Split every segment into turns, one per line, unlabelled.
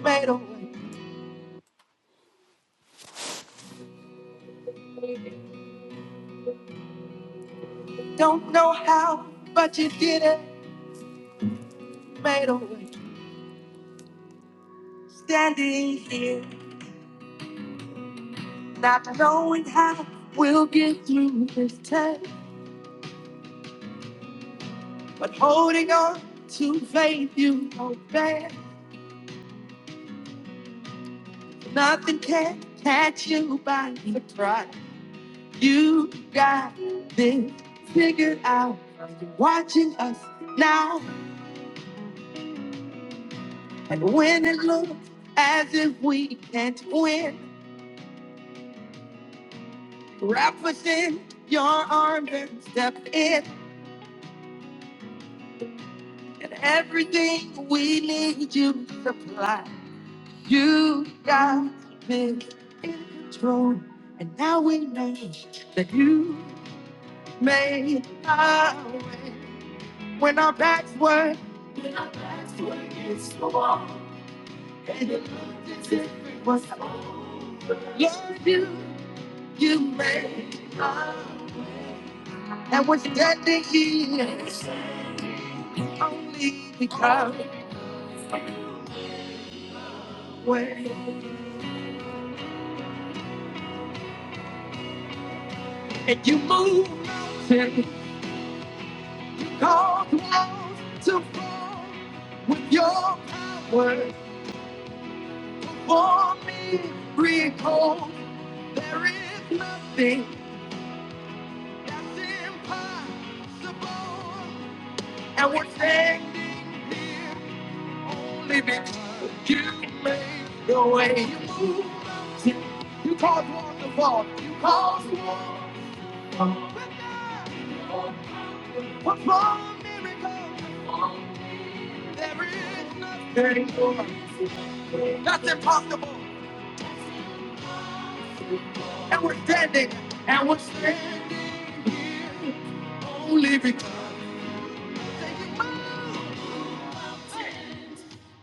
made a way. Don't know how, but you did it, made a way. Standing here, not knowing how we'll get through this test, but holding on to faith you obey. Nothing can catch you by surprise. You got this figured out. You're watching us now, and when it looks as if we can't win. Wrap us in your arms and step in, and everything we need you supply. You got me in control, and now we know that you made our way when our backs were and it looked as if it was over. Lord, you, you made our way. and we're standing here only because we're and you move. mountains. Cause walls to fall with your power for me. Recall there is nothing that's impossible. And we're standing here only because you made the way you move. mountains. You cause walls to fall. You cause walls to fall. What's wrong, miracle? There is nothing that's impossible. And we're standing. And we're standing only because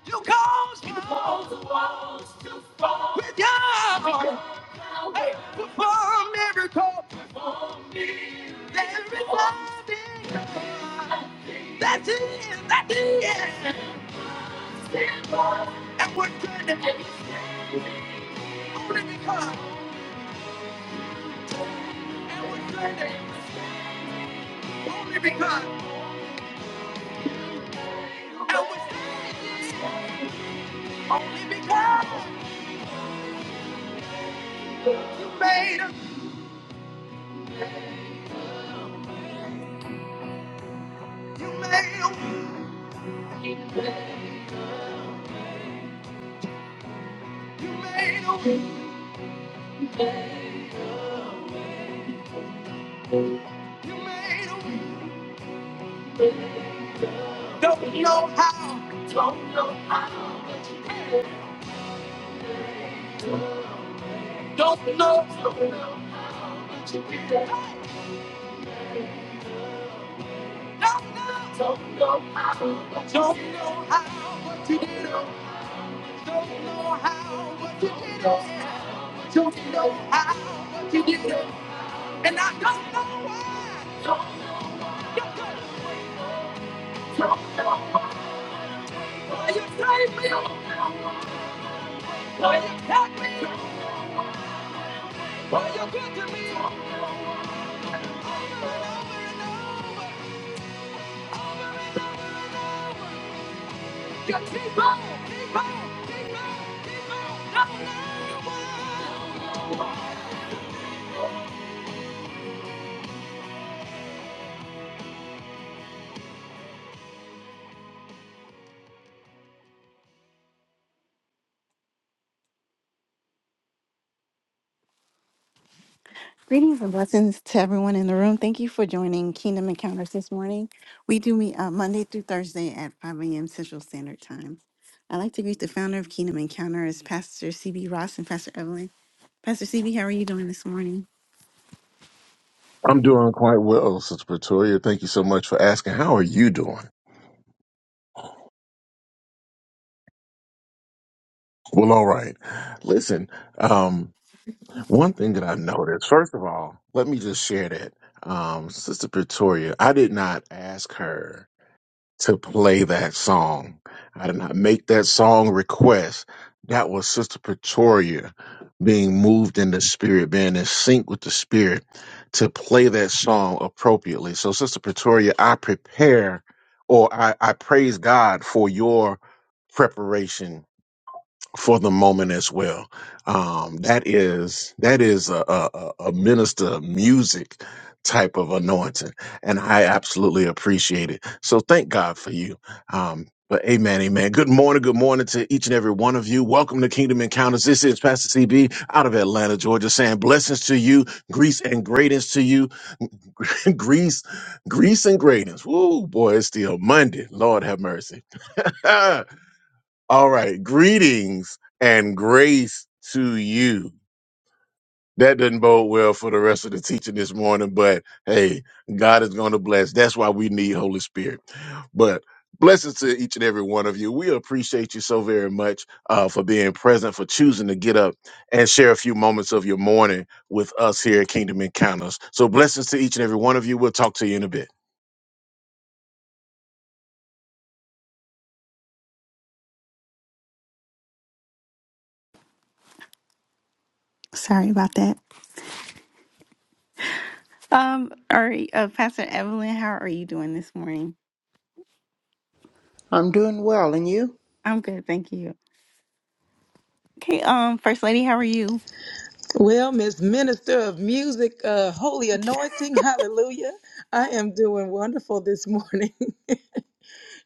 you caused me with your heart hey, to perform miracle. There is nothing that's it, that is. it. And we're standing only because. And we're standing only because. And we're standing only because you made a, you made a, you made a, you made a. Don't know how, don't know, don't know, don't know how, but you did it. Don't know how, but you did it. Don't know how, but you did it. And I don't know why. Why you saved me? Why you kept me? Why you good to me? Over and over and over, over and over and over. You keep on, keep on, keep on, keep on. Don't know why. Greetings and blessings to everyone in the room. Thank you for joining Kingdom Encounters this morning. We do meet uh, Monday through Thursday at 5 a.m. Central Standard Time. I'd like to greet the founder of Kingdom Encounters, Pastor CB Ross and Pastor Evelyn. Pastor CB, how are you doing this morning?
I'm doing quite well, Sister Pretoria. Thank you so much for asking. How are you doing? Well, all right. Listen, um, one thing that I noticed, first of all, let me just share that. Um, Sister Pretoria, I did not ask her to play that song. I did not make that song request. That was Sister Pretoria being moved in the spirit, being in sync with the spirit to play that song appropriately. So, Sister Pretoria, I prepare or I, I praise God for your preparation for the moment as well. Um, that is that is a, a, a a minister of music type of anointing, and I absolutely appreciate it. So thank God for you. Um, but amen, amen. Good morning, good morning to each and every one of you. Welcome to Kingdom Encounters. This is Pastor CB out of Atlanta, Georgia, saying blessings to you, grease and greatness to you, grease, grease and greatness. Woo, boy, it's still Monday. Lord have mercy. All right. Greetings and grace to you. That doesn't bode well for the rest of the teaching this morning, but hey, God is going to bless. That's why we need Holy Spirit. But blessings to each and every one of you. We appreciate you so very much uh, for being present, for choosing to get up and share a few moments of your morning with us here at Kingdom Encounters. So blessings to each and every one of you. We'll talk to you in a bit.
Sorry about that. Um, all right, uh, Pastor Evelyn, how are you doing this morning?
I'm doing well, and you?
I'm good, thank you. Okay, um, First Lady, how are you?
Well, Miss Minister of Music, uh, Holy Anointing, hallelujah. I am doing wonderful this morning.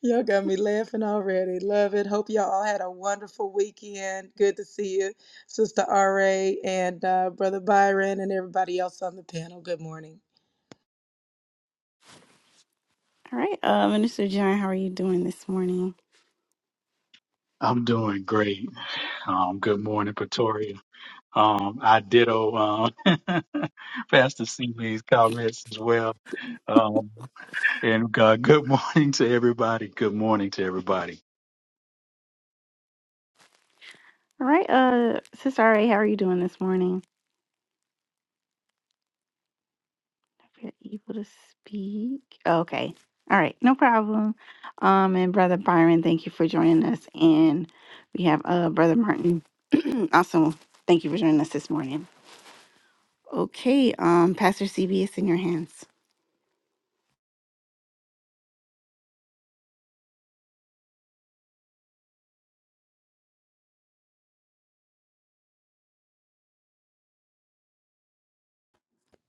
y'all got me laughing already. Love it. Hope y'all all had a wonderful weekend. Good to see you, Sister RA and uh, Brother Byron and everybody else on the panel. Good morning.
All right, uh, Minister John, how are you doing this morning?
I'm doing great. Um, good morning, Pretoria. Um, I ditto um, Pastor Seeley's comments as well. Um, and uh, good morning to everybody. Good morning to everybody.
All right, uh, Sister RA, how are you doing this morning? You're Able to speak. Okay. All right. No problem. Um, and Brother Byron, thank you for joining us. And we have uh Brother Martin. also, thank you for joining us this morning. Okay. Um, Pastor CB, it's in your hands.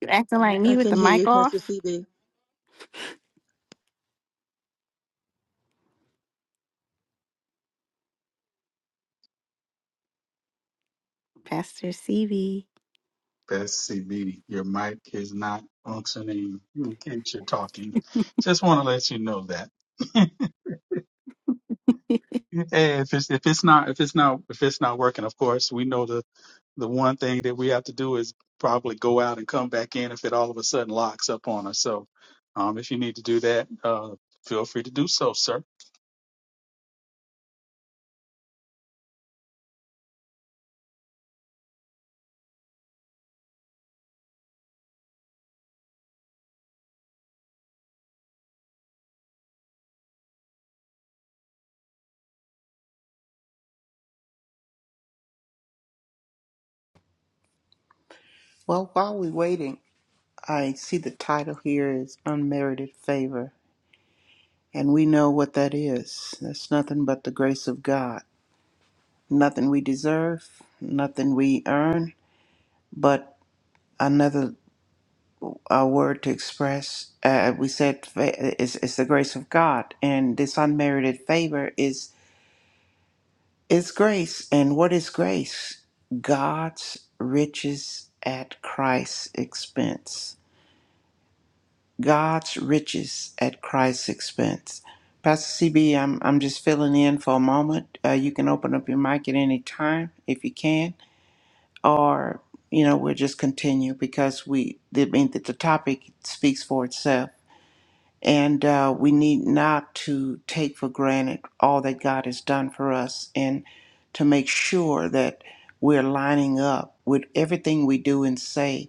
You acting like
I
me with
can
the
hear
mic
you, Pastor
off?
CB.
Pastor CB.
Pastor CB, your mic is not functioning in case you're talking. Just want to let you know that. Hey, if it's if it's not if it's not if it's not working, of course we know the the one thing that we have to do is probably go out and come back in if it all of a sudden locks up on us. So, um, if you need to do that, uh, feel free to do so, sir.
Well, while we're waiting, I see the title here is Unmerited Favor, and we know what that is. That's nothing but the grace of God. Nothing we deserve, nothing we earn, but another uh, word to express. Uh, we said fa- it's, it's the grace of God, and this unmerited favor is is grace. And what is grace? God's riches at Christ's expense God's riches at Christ's expense. Pastor CB, I'm, I'm just filling in for a moment. Uh, you can open up your mic at any time if you can, or, you know, we'll just continue because we, I mean, that the topic speaks for itself. And uh, we need not to take for granted all that God has done for us and to make sure that we're lining up with everything we do and say,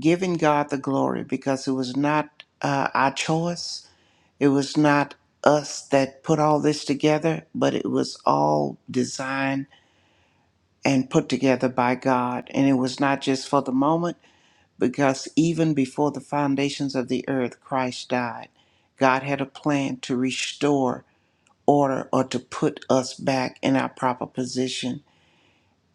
giving God the glory because it was not uh, our choice it was not us that put all this together, but it was all designed and put together by God. And it was not just for the moment, because even before the foundations of the earth, Christ died. God had a plan to restore order or to put us back in our proper position.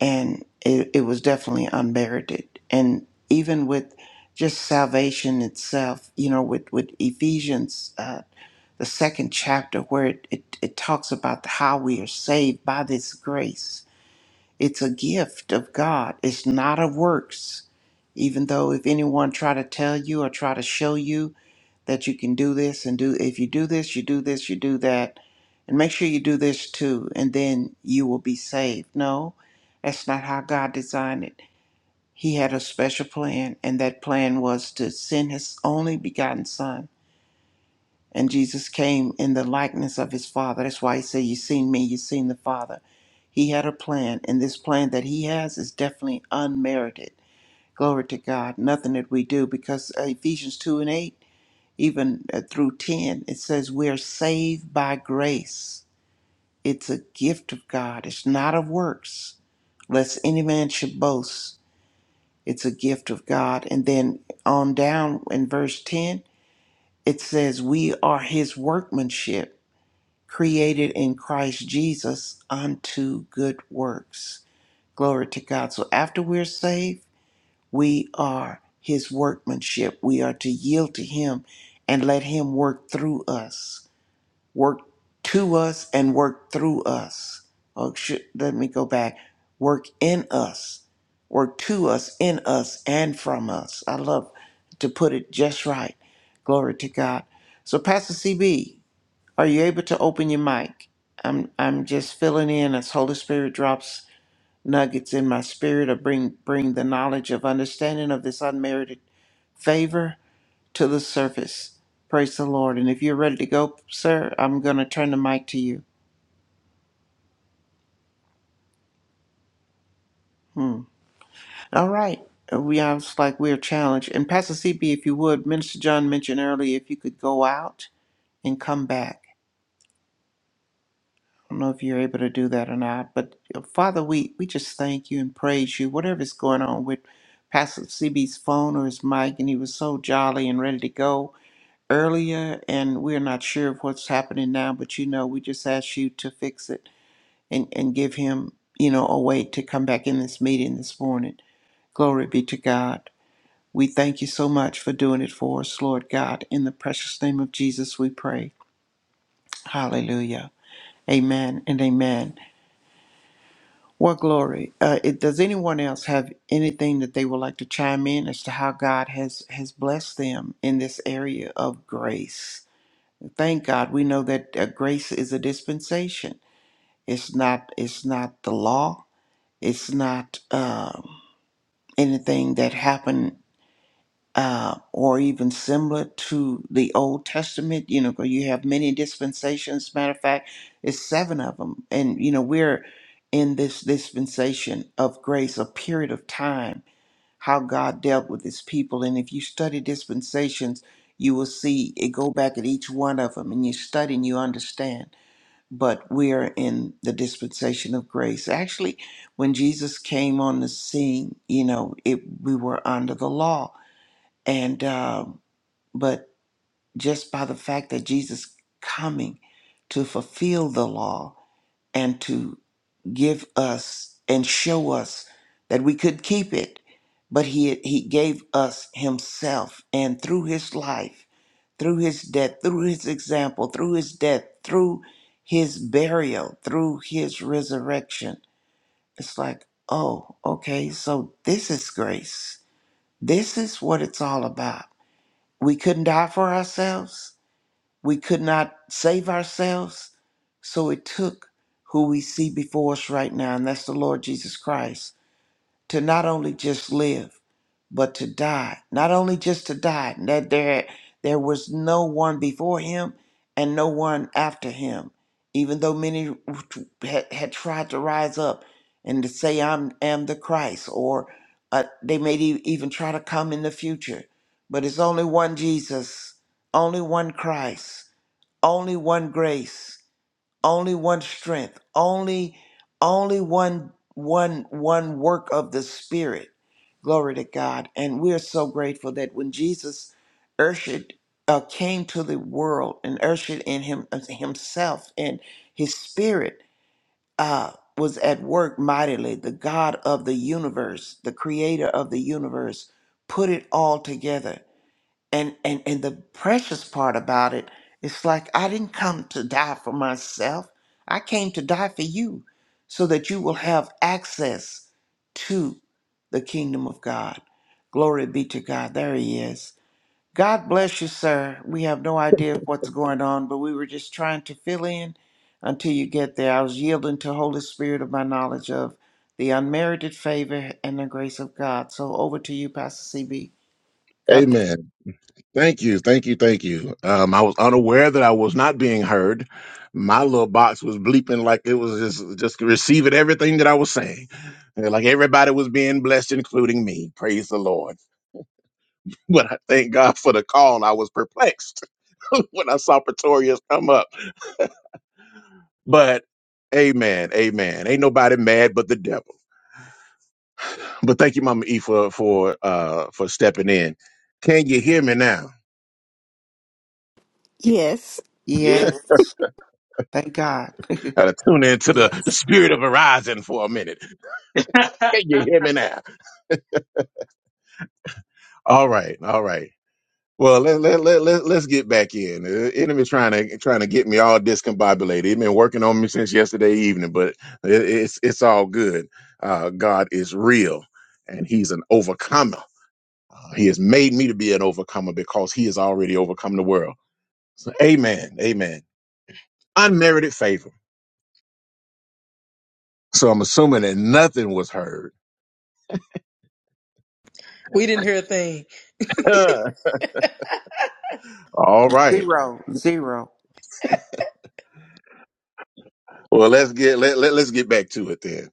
And it, it was definitely unmerited. And even with just salvation itself, you know, with, with Ephesians. uh, the second chapter where it, it, it talks about how we are saved by this grace. It's a gift of God. It's not of works. Even though if anyone try to tell you or try to show you that you can do this and do if you do this, you do this, you do that, and make sure you do this too, and then you will be saved. No, that's not how God designed it. He had a special plan, and that plan was to send his only begotten son and Jesus came in the likeness of his Father. That's why he said, You've seen me, you've seen the Father. He had a plan, and this plan that he has is definitely unmerited. Glory to God. Nothing that we do, because uh, Ephesians 2 and 8, even uh, through 10, it says, We are saved by grace. It's a gift of God, it's not of works, lest any man should boast. It's a gift of God. And then on down in verse 10, it says, We are his workmanship created in Christ Jesus unto good works. Glory to God. So after we're saved, we are his workmanship. We are to yield to him and let him work through us, work to us and work through us. Oh, should, let me go back. Work in us, work to us, in us, and from us. I love to put it just right. Glory to God. So, Pastor CB, are you able to open your mic? I'm I'm just filling in as Holy Spirit drops nuggets in my spirit or bring bring the knowledge of understanding of this unmerited favor to the surface. Praise the Lord. And if you're ready to go, sir, I'm gonna turn the mic to you. Hmm. All right. Uh, We I was like we're challenged. And Pastor CB, if you would, Minister John mentioned earlier if you could go out and come back. I don't know if you're able to do that or not, but uh, Father, we, we just thank you and praise you. Whatever's going on with Pastor CB's phone or his mic, and he was so jolly and ready to go earlier, and we're not sure of what's happening now, but you know, we just ask you to fix it and, and give him, you know, a way to come back in this meeting this morning. Glory be to God. We thank you so much for doing it for us, Lord God. In the precious name of Jesus, we pray. Hallelujah. Amen and amen. Well, glory. Uh, it, does anyone else have anything that they would like to chime in as to how God has has blessed them in this area of grace? Thank God, we know that uh, grace is a dispensation. It's not. It's not the law. It's not um, anything that happened uh, or even similar to the Old Testament. You know, 'cause you have many dispensations. Matter of fact, it's seven of them, and you know we're in this dispensation of grace, a period of time, how God dealt with His people. And if you study dispensations, you will see it go back at each one of them, and you study and you understand. But we are in the dispensation of grace. Actually, when Jesus came on the scene, you know, it we were under the law and um, but just by the fact that Jesus coming to fulfill the law and to give us and show us that we could keep it, but he he gave us himself and through his life, through his death, through his example, through his death, through his burial, through his resurrection. It's like, oh, okay, so this is grace. This is what it's all about we couldn't die for ourselves. We could not save ourselves. So it took who we see before us right now, and that's the Lord Jesus Christ to not only just live, but to die. Not only just to die, that there there was no one before him and no one after him. Even though many had, had tried to rise up and to say, "I'm am the Christ," or uh, they may e- even try to come in the future, but it's only one Jesus, only one Christ, only one grace only one strength only only one one one work of the spirit glory to god and we're so grateful that when jesus ushered uh, came to the world and ushered in him uh, himself and his spirit uh was at work mightily the god of the universe the creator of the universe put it all together and and and the precious part about it it's like i didn't come to die for myself i came to die for you so that you will have access to the kingdom of god glory be to god there he is god bless you sir we have no idea what's going on but we were just trying to fill in until you get there i was yielding to holy spirit of my knowledge of the unmerited favor and the grace of god so over to you pastor cb god bless
Amen. Thank you. Thank you. Thank you. Um, I was unaware that I was not being heard. My little box was bleeping like it was just, just receiving everything that I was saying. And Like everybody was being blessed, including me. Praise the Lord. But I thank God for the call. I was perplexed when I saw Pretorius come up. But amen, amen. Ain't nobody mad but the devil. But thank you, Mama E, for for uh for stepping in. Can you hear me now?
Yeah.
yes Thank God.
Uh, tune into the, the spirit of Verizon for a minute. Can
I
you hear me now? All right, all right. Well, let let let, let let's get back in. The enemy's trying to trying to get me all discombobulated. He's been working on me since yesterday evening, but it, it's it's all good. Uh, God is real, and He's an overcomer He has made me to be an overcomer because he has already overcome the world. So, amen. Amen. Unmerited favor. So I'm assuming that nothing was heard.
We didn't hear a thing.
All right.
zero, zero.
Well, let's get let, let let us get back to it then.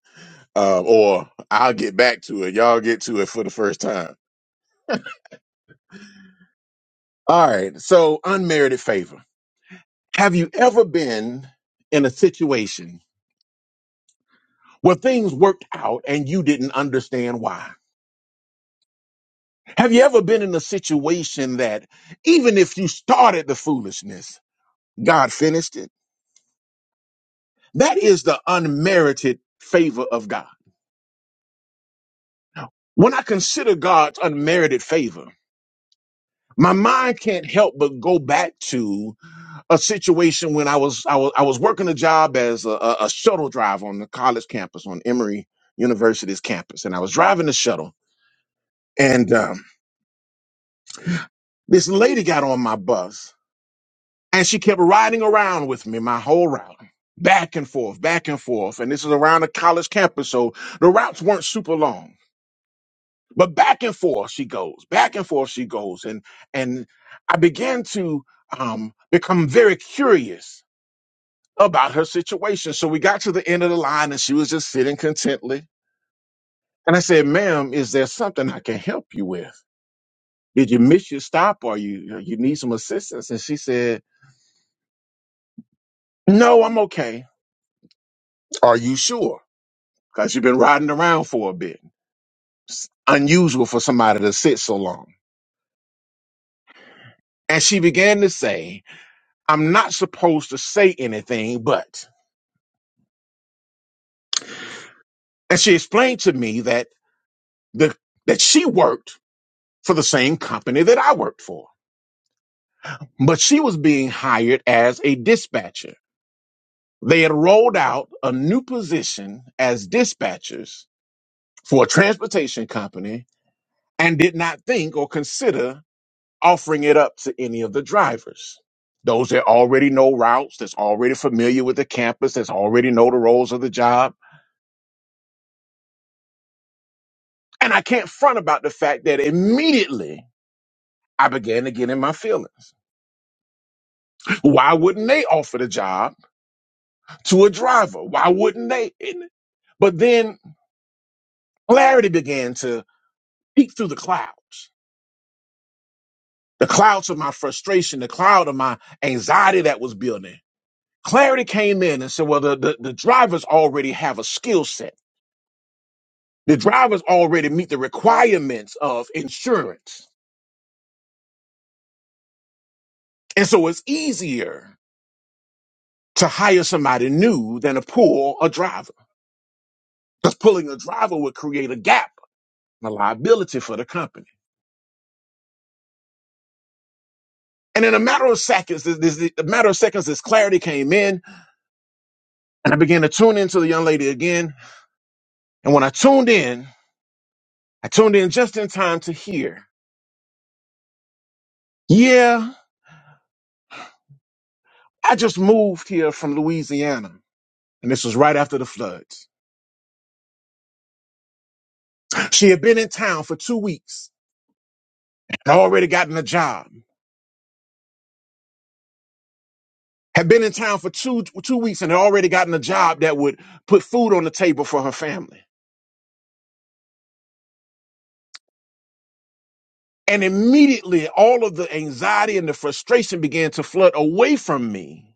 Um, or I'll get back to it. Y'all get to it for the first time. All right. So unmerited favor. Have you ever been in a situation where things worked out and you didn't understand why? Have you ever been in a situation that even if you started the foolishness, God finished it? That is the unmerited favor of God. When I consider God's unmerited favor, my mind can't help but go back to a situation when I was I was I was working a job as a, a a shuttle driver on the college campus on Emory University's campus, and I was driving the shuttle, and um, this lady got on my bus, And she kept riding around with me my whole route, back and forth, back and forth. And this is around a college campus, so the routes weren't super long. But back and forth she goes, back and forth she goes, and and I began to um, become very curious about her situation. So we got to the end of the line, and she was just sitting contently. And I said, "Ma'am, is there something I can help you with? Did you miss your stop, or you you need some assistance?" And she said, "No, I'm okay. Are you sure?" because you've been riding around for a bit. It's unusual for somebody to sit so long. And she began to say, I'm not supposed to say anything, but. And she explained to me that the that she worked for the same company that I worked for, but she was being hired as a dispatcher. They had rolled out a new position as dispatchers for a transportation company and did not think or consider offering it up to any of the drivers. Those that already know routes, that's already familiar with the campus, that's already know the roles of the job. And I can't front about the fact that immediately I began to get in my feelings. Why wouldn't they offer the job to a driver? Why wouldn't they? And- But then clarity began to peek through the clouds. The clouds of my frustration, the cloud of my anxiety that was building. Clarity came in and said, well, the, the, the drivers already have a skill set. The drivers already meet the requirements of insurance. And so it's easier to hire somebody new than to pull a driver. Because pulling a driver would create a gap, a liability for the company. And in a matter of seconds, this, this, a matter of seconds, this clarity came in, and I began to tune into the young lady again. And when I tuned in, I tuned in just in time to hear, yeah, I just moved here from Louisiana. And this was right after the floods. She had been in town for two weeks had already gotten a job, had been in town for two two weeks and had already gotten a job that would put food on the table for her family. And immediately all of the anxiety and the frustration began to flood away from me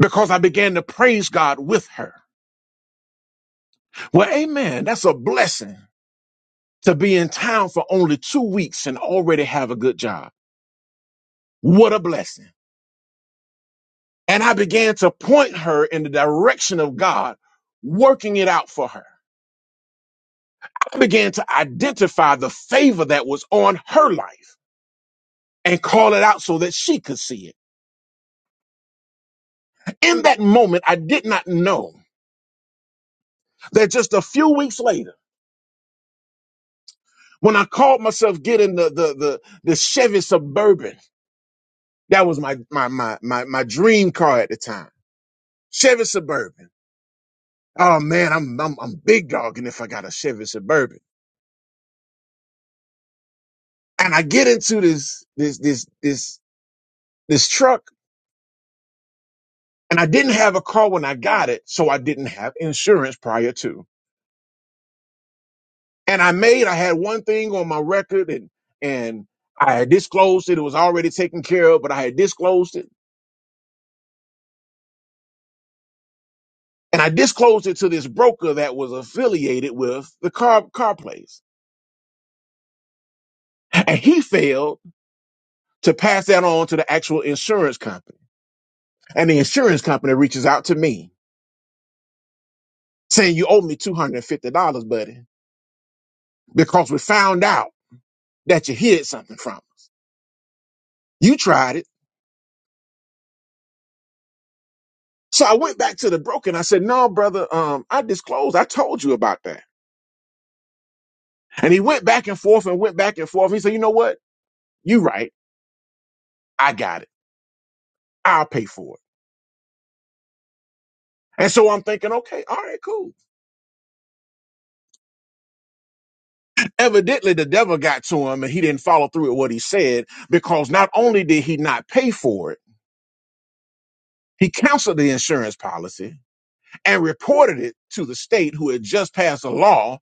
because I began to praise God with her. Well, amen. That's a blessing to be in town for only two weeks and already have a good job. What a blessing. And I began to point her in the direction of God, working it out for her. I began to identify the favor that was on her life and call it out so that she could see it. In that moment, I did not know that just a few weeks later, when I called myself getting the the the, the Chevy Suburban, that was my my my my my dream car at the time. Chevy Suburban. Oh man, I'm I'm I'm big dogging if I got a Chevy Suburban. And I get into this this this this this truck and I didn't have a car when I got it, so I didn't have insurance prior to. and I made I had one thing on my record and and I had disclosed it. It was already taken care of, but I had disclosed it. And I disclosed it to this broker that was affiliated with the car car place. And he failed to pass that on to the actual insurance company. And the insurance company reaches out to me saying, You owe me $250, buddy, because we found out that you hid something from. us. You tried it. So I went back to the broker and I said, No, brother, um, I disclosed. I told you about that. And he went back and forth and went back and forth. He said, you know what? You right. I got it. I'll pay for it. And so I'm thinking, okay, all right, cool. Evidently the devil got to him and he didn't follow through with what he said because not only did he not pay for it, he canceled the insurance policy and reported it to the state who had just passed a law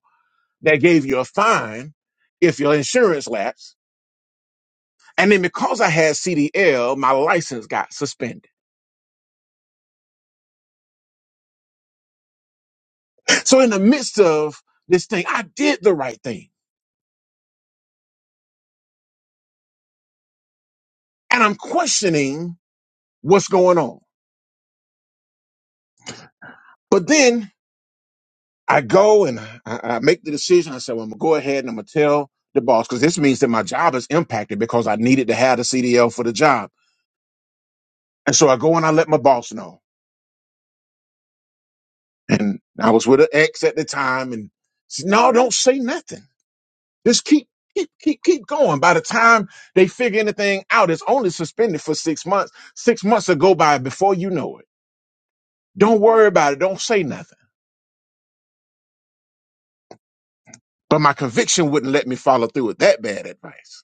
that gave you a fine if your insurance lapsed. And then because I had CDL, my license got suspended. So in the midst of this thing, I did the right thing. and I'm questioning what's going on. But then I go and I, I make the decision. I said, well, I'm gonna go ahead and I'm gonna tell the boss because this means that my job is impacted because I needed to have the CDL for the job. And so I go and I let my boss know. And I was with an ex at the time and said, no, don't say nothing. Just keep, keep, keep, keep going. By the time they figure anything out, it's only suspended for six months. Six months will go by before you know it. Don't worry about it. Don't say nothing. but my conviction wouldn't let me follow through with that bad advice.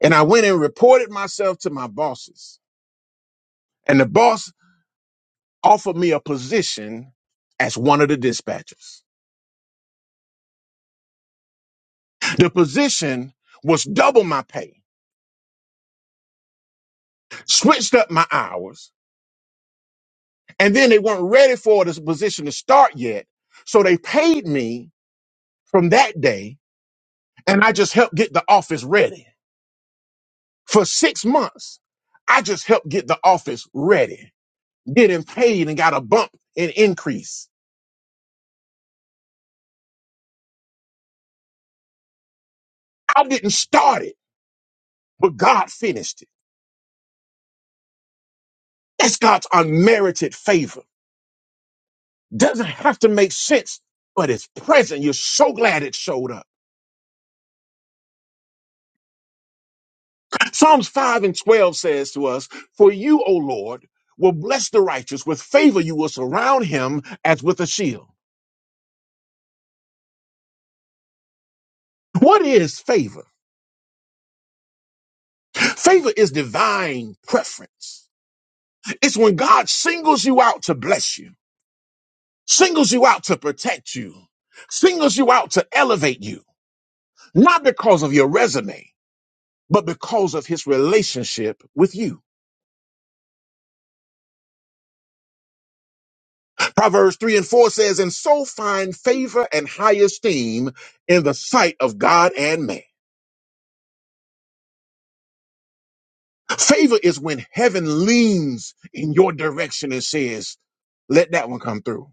And I went and reported myself to my bosses, and the boss offered me a position as one of the dispatchers. The position was double my pay, switched up my hours, and then they weren't ready for this position to start yet. So they paid me from that day, and I just helped get the office ready. For six months, I just helped get the office ready, getting paid and got a bump and increase. I didn't start it, but God finished it. That's God's unmerited favor. Doesn't have to make sense, but it's present. You're so glad it showed up. Psalms 5 and 12 says to us, For you, O Lord, will bless the righteous. With favor, you will surround him as with a shield. What is favor? Favor is divine preference. It's when God singles you out to bless you, singles you out to protect you, singles you out to elevate you, not because of your resume but because of his relationship with you. Proverbs 3 and 4 says, And so find favor and high esteem in the sight of God and man. Favor is when heaven leans in your direction and says, Let that one come through.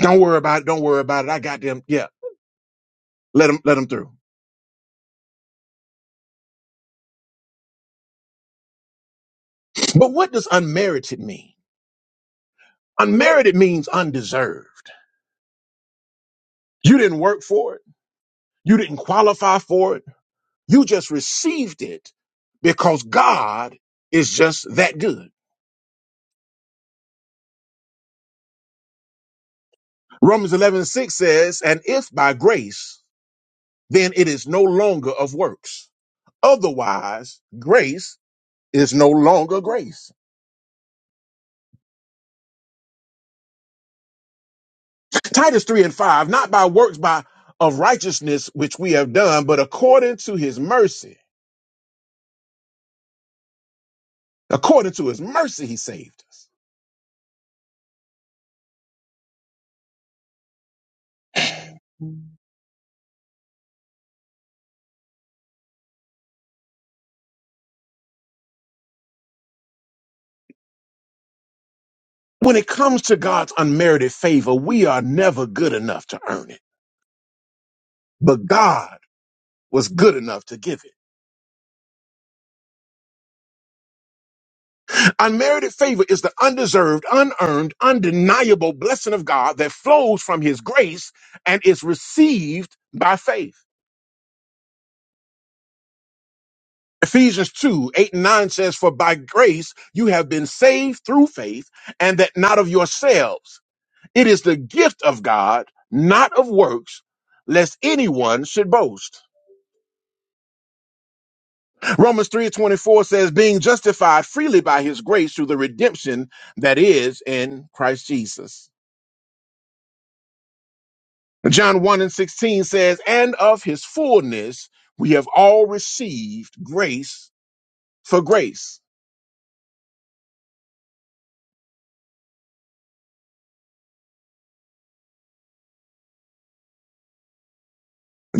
Don't worry about it. Don't worry about it. I got them. Yeah, let them, let them through. But what does unmerited mean? Unmerited means undeserved. You didn't work for it. You didn't qualify for it. You just received it because God is just that good. Romans 11 and 6 says, And if by grace, then it is no longer of works. Otherwise, grace is no longer grace. Titus 3 and 5, not by works by of righteousness which we have done, but according to his mercy. According to his mercy, he saved us. When it comes to God's unmerited favor, we are never good enough to earn it, but God was good enough to give it. Unmerited favor is the undeserved, unearned, undeniable blessing of God that flows from his grace and is received by faith. Ephesians 2 8 and 9 says, For by grace you have been saved through faith, and that not of yourselves. It is the gift of God, not of works, lest anyone should boast. Romans 3 and 24 says, Being justified freely by his grace through the redemption that is in Christ Jesus. John 1 and 16 says, And of his fullness we have all received grace for grace.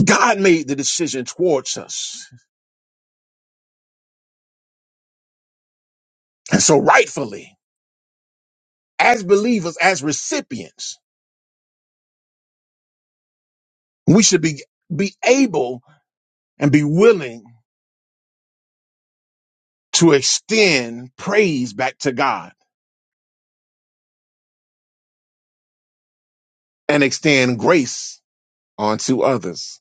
God made the decision towards us. And so, rightfully, as believers, as recipients, we should be, be able and be willing to extend praise back to God and extend grace onto others.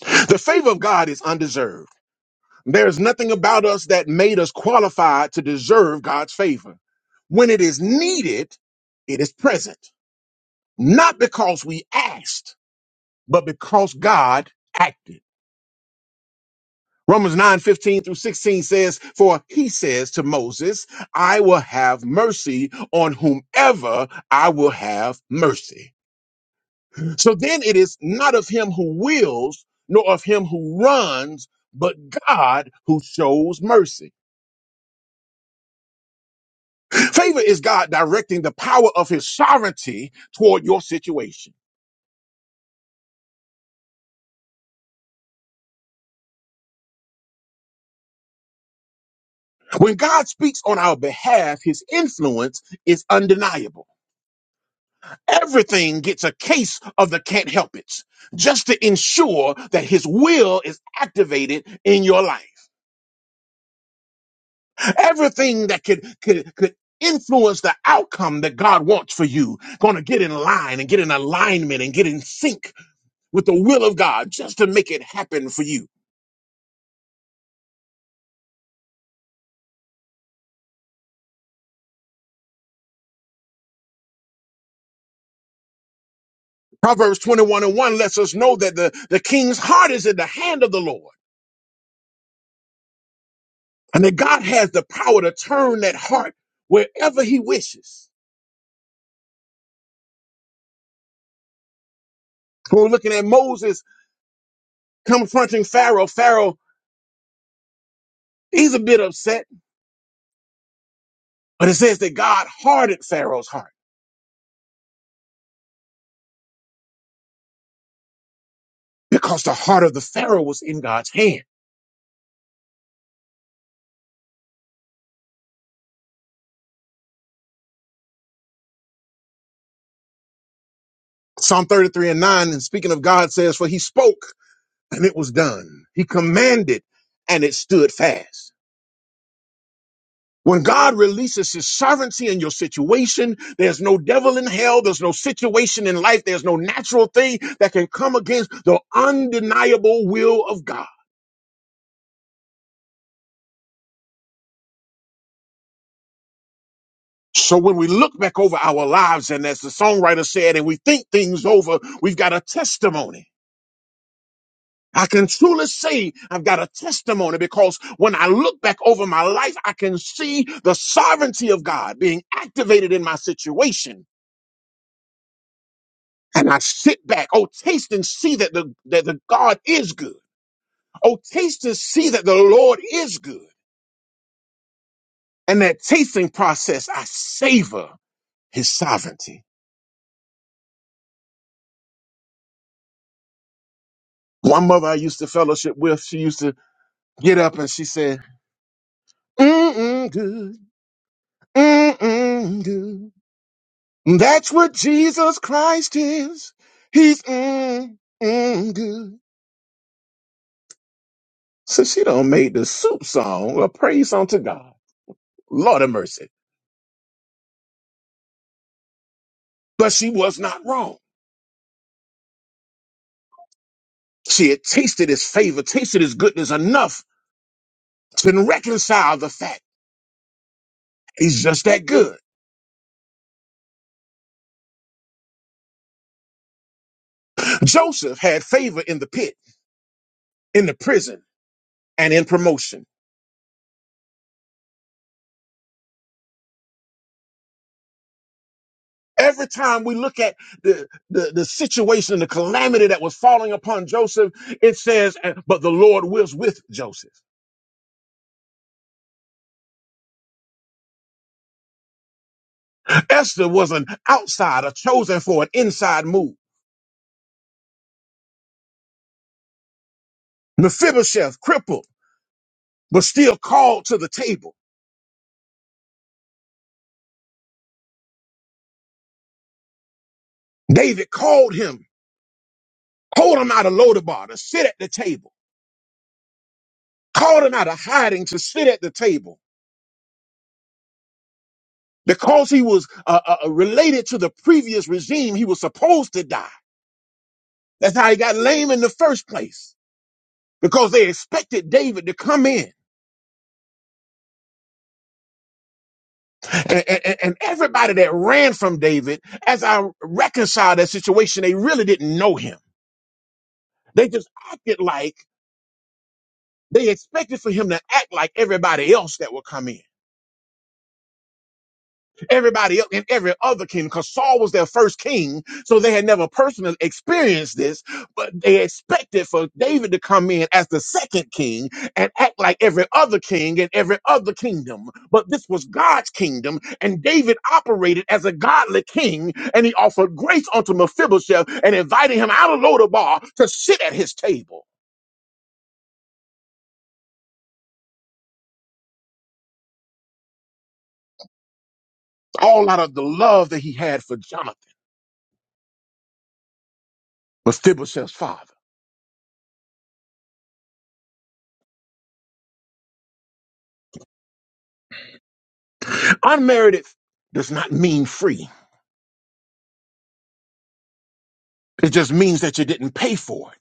The favor of God is undeserved. There's nothing about us that made us qualified to deserve God's favor. When it is needed, it is present, not because we asked, but because God acted. Romans 9 15 through 16 says, For he says to Moses, I will have mercy on whomever I will have mercy. So then it is not of him who wills, nor of him who runs, but God who shows mercy. Favor is God directing the power of his sovereignty toward your situation. When God speaks on our behalf, his influence is undeniable. Everything gets a case of the can't help it just to ensure that his will is activated in your life. Everything that could, could, could influence the outcome that God wants for you going to get in line and get in alignment and get in sync with the will of God just to make it happen for you. Proverbs 21 and 1 lets us know that the, the king's heart is in the hand of the Lord and that God has the power to turn that heart wherever he wishes. So we're looking at Moses confronting Pharaoh. Pharaoh, he's a bit upset, but it says that God hardened Pharaoh's heart because the heart of the Pharaoh was in God's hand. Psalm 33 and 9, and speaking of God says, for he spoke and it was done. He commanded and it stood fast. When God releases his sovereignty in your situation, there's no devil in hell. There's no situation in life. There's no natural thing that can come against the undeniable will of God. So when we look back over our lives, and as the songwriter said, and we think things over, we've got a testimony. I can truly say I've got a testimony because when I look back over my life, I can see the sovereignty of God being activated in my situation. and I sit back. Oh, taste and see that the that the God is good. Oh, taste and see that the Lord is good. And that tasting process, I savor His sovereignty. One mother I used to fellowship with, she used to get up and she said, "Mm-mm, good, mm-mm, good. That's what Jesus Christ is. He's mm-mm, good." So she done made the soup song a praise unto God. Lord of mercy. But she was not wrong. She had tasted his favor, tasted his goodness enough to reconcile the fact he's just that good. Joseph had favor in the pit, in the prison, and in promotion. Every time we look at the, the, the situation, the calamity that was falling upon Joseph, it says, "And- but the Lord was with Joseph. Esther was an outsider chosen for an inside move. Mephibosheth, crippled, but still called to the table. David called him, hold him out of Lodabar to sit at the table. called him out of hiding to sit at the table because he was uh, uh, uh, related to the previous regime. He was supposed to die. That's how he got lame in the first place because they expected David to come in. And, and, and everybody that ran from David, as I reconcile that situation, they really didn't know him. They just acted like they expected for him to act like everybody else that would come in. Everybody else and every other king, because Saul was their first king, so they had never personally experienced this, but they expected for David to come in as the second king and act like every other king and every other kingdom. But this was God's kingdom, and David operated as a godly king, and he offered grace unto Mephibosheth and invited him out of Lodabar to sit at his table, all out of the love that he had for Jonathan, Mephibosheth's father. Unmerited does not mean free It just means that you didn't pay for it.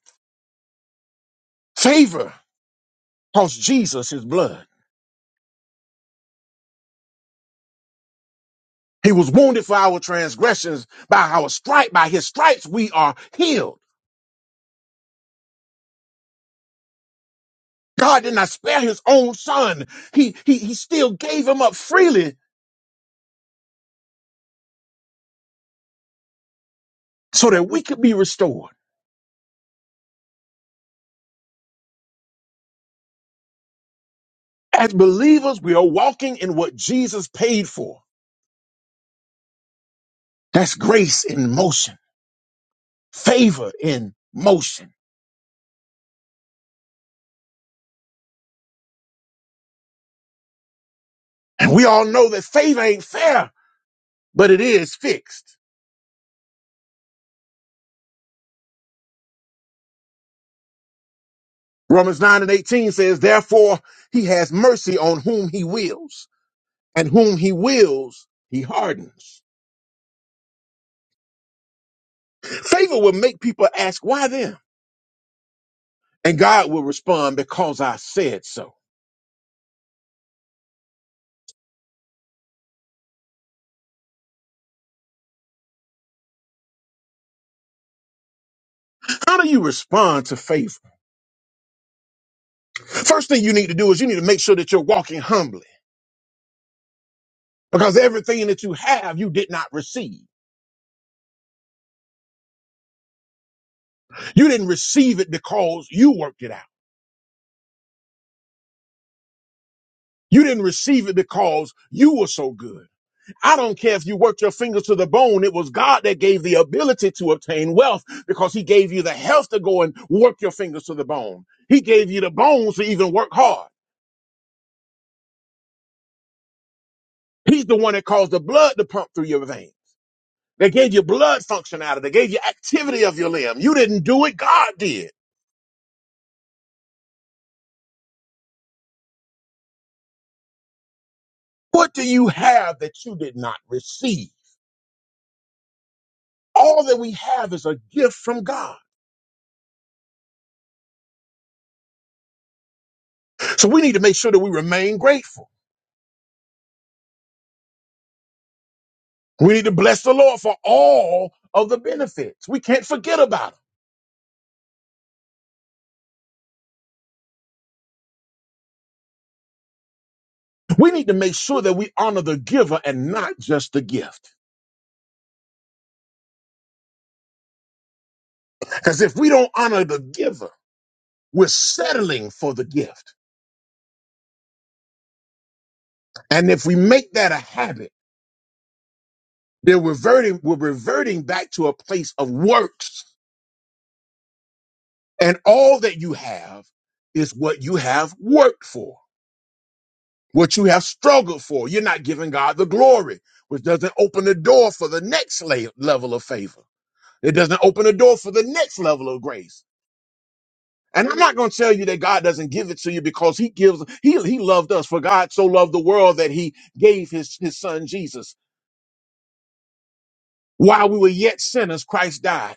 Favor cost Jesus his blood. He was wounded for our transgressions. By our stripe, by his stripes, we are healed. God did not spare his own son. He, he, he still gave him up freely so that we could be restored. As believers, we are walking in what Jesus paid for. That's grace in motion, favor in motion. And we all know that favor ain't fair, but it is fixed. Romans 9 and 18 says, Therefore he has mercy on whom he wills, and whom he wills, he hardens. Favor will make people ask, Why them? And God will respond, Because I said so. How do you respond to favor? First thing you need to do is you need to make sure that you're walking humbly. Because everything that you have, you did not receive. You didn't receive it because you worked it out. You didn't receive it because you were so good. I don't care if you worked your fingers to the bone. It was God that gave the ability to obtain wealth because he gave you the health to go and work your fingers to the bone. He gave you the bones to even work hard. He's the one that caused the blood to pump through your veins. They gave you blood functionality. They gave you activity of your limb. You didn't do it. God did. What do you have that you did not receive? All that we have is a gift from God. So we need to make sure that we remain grateful. We need to bless the Lord for all of the benefits. We can't forget about it. We need to make sure that we honor the giver and not just the gift. Because if we don't honor the giver, we're settling for the gift. And if we make that a habit, then we're reverting, we're reverting back to a place of works. And all that you have is what you have worked for, what you have struggled for. You're not giving God the glory, which doesn't open the door for the next la- level of favor. It doesn't open the door for the next level of grace. And I'm not going to tell you that God doesn't give it to you because he gives, he, he loved us for God so loved the world that he gave his, his son Jesus. While we were yet sinners, Christ died.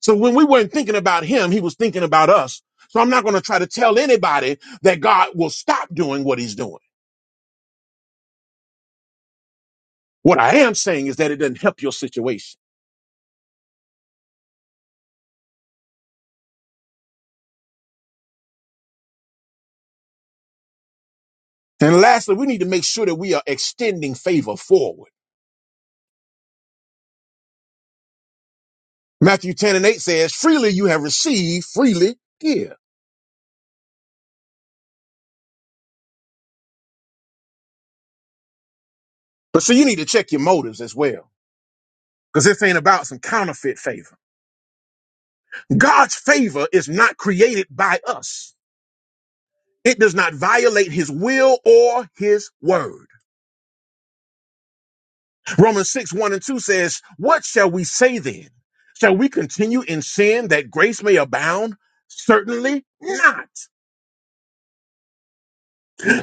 So when we weren't thinking about him, he was thinking about us. So I'm not going to try to tell anybody that God will stop doing what he's doing. What I am saying is that it doesn't help your situation. And lastly, we need to make sure that we are extending favor forward. Matthew 10 and 8 says, freely you have received, freely give. But so you need to check your motives as well. because this ain't about some counterfeit favor. God's favor is not created by us. It does not violate his will or his word. Romans 6, 1 and 2 says, What shall we say then? Shall we continue in sin that grace may abound? Certainly not.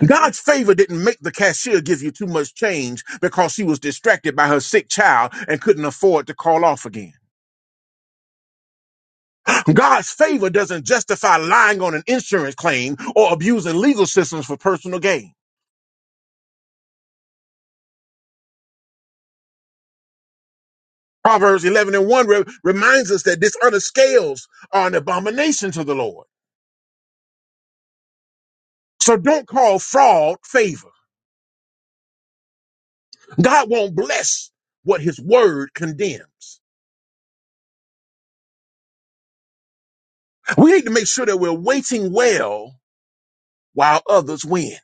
God's favor didn't make the cashier give you too much change because she was distracted by her sick child and couldn't afford to call off again. God's favor doesn't justify lying on an insurance claim or abusing legal systems for personal gain. Proverbs 11 and 1 re- reminds us that dishonest scales are an abomination to the Lord. So don't call fraud favor. God won't bless what his word condemns. We need to make sure that we're waiting well while others win.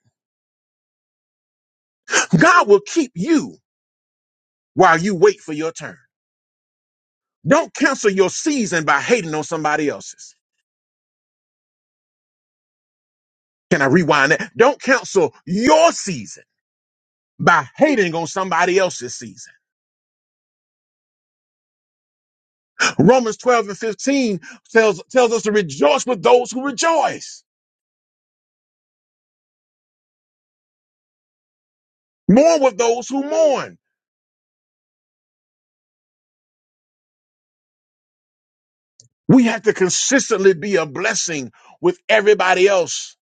God will keep you while you wait for your turn. Don't cancel your season by hating on somebody else's. Can I rewind that? Don't cancel your season by hating on somebody else's season. Romans 12 and 15 tells, tells us to rejoice with those who rejoice, mourn with those who mourn. We have to consistently be a blessing with everybody else,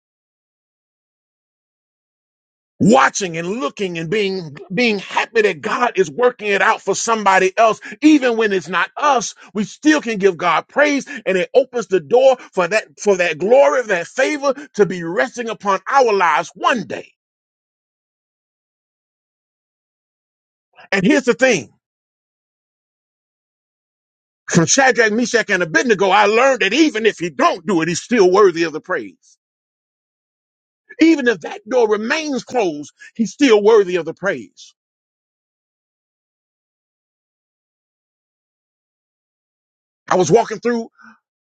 watching and looking and being, being happy that God is working it out for somebody else. Even when it's not us, we still can give God praise and it opens the door for that, for that glory, that favor to be resting upon our lives one day. And here's the thing. From Shadrach, Meshach, and Abednego, I learned that even if he don't do it, he's still worthy of the praise. Even if that door remains closed, he's still worthy of the praise. I was walking through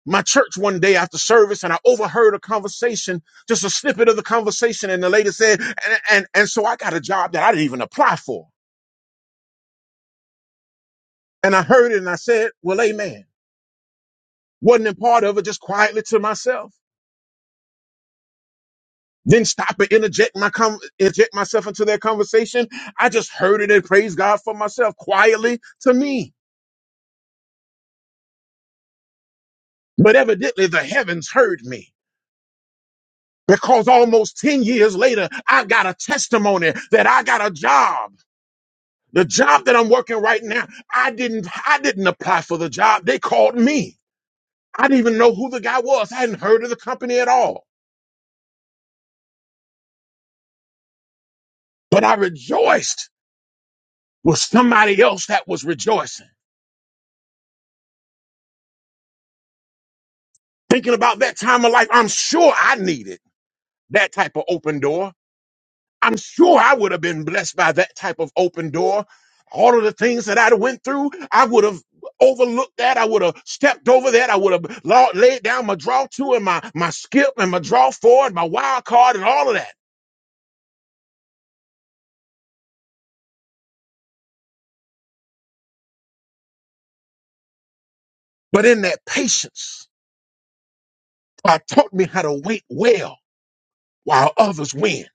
my church one day after service and I overheard a conversation, just a snippet of the conversation. And the lady said, and, and, and so I got a job that I didn't even apply for. And I heard it and I said, well, amen. Wasn't a part of it, just quietly to myself. Then stop and interject my com- inject myself into their conversation. I just heard it and praised God for myself quietly to me. But evidently the heavens heard me because almost 10 years later, I got a testimony that I got a job. The job that I'm working right now, I didn't, I didn't apply for the job. They called me. I didn't even know who the guy was. I hadn't heard of the company at all, but I rejoiced with somebody else that was rejoicing. Thinking about that time of life, I'm sure I needed. that type of open door. I'm sure I would have been blessed by that type of open door. All of the things that I went through, I would have overlooked that. I would have stepped over that. I would have la- laid down my draw two and my, my skip and my draw four and my wild card and all of that. But in that patience, God taught me how to wait well while others win.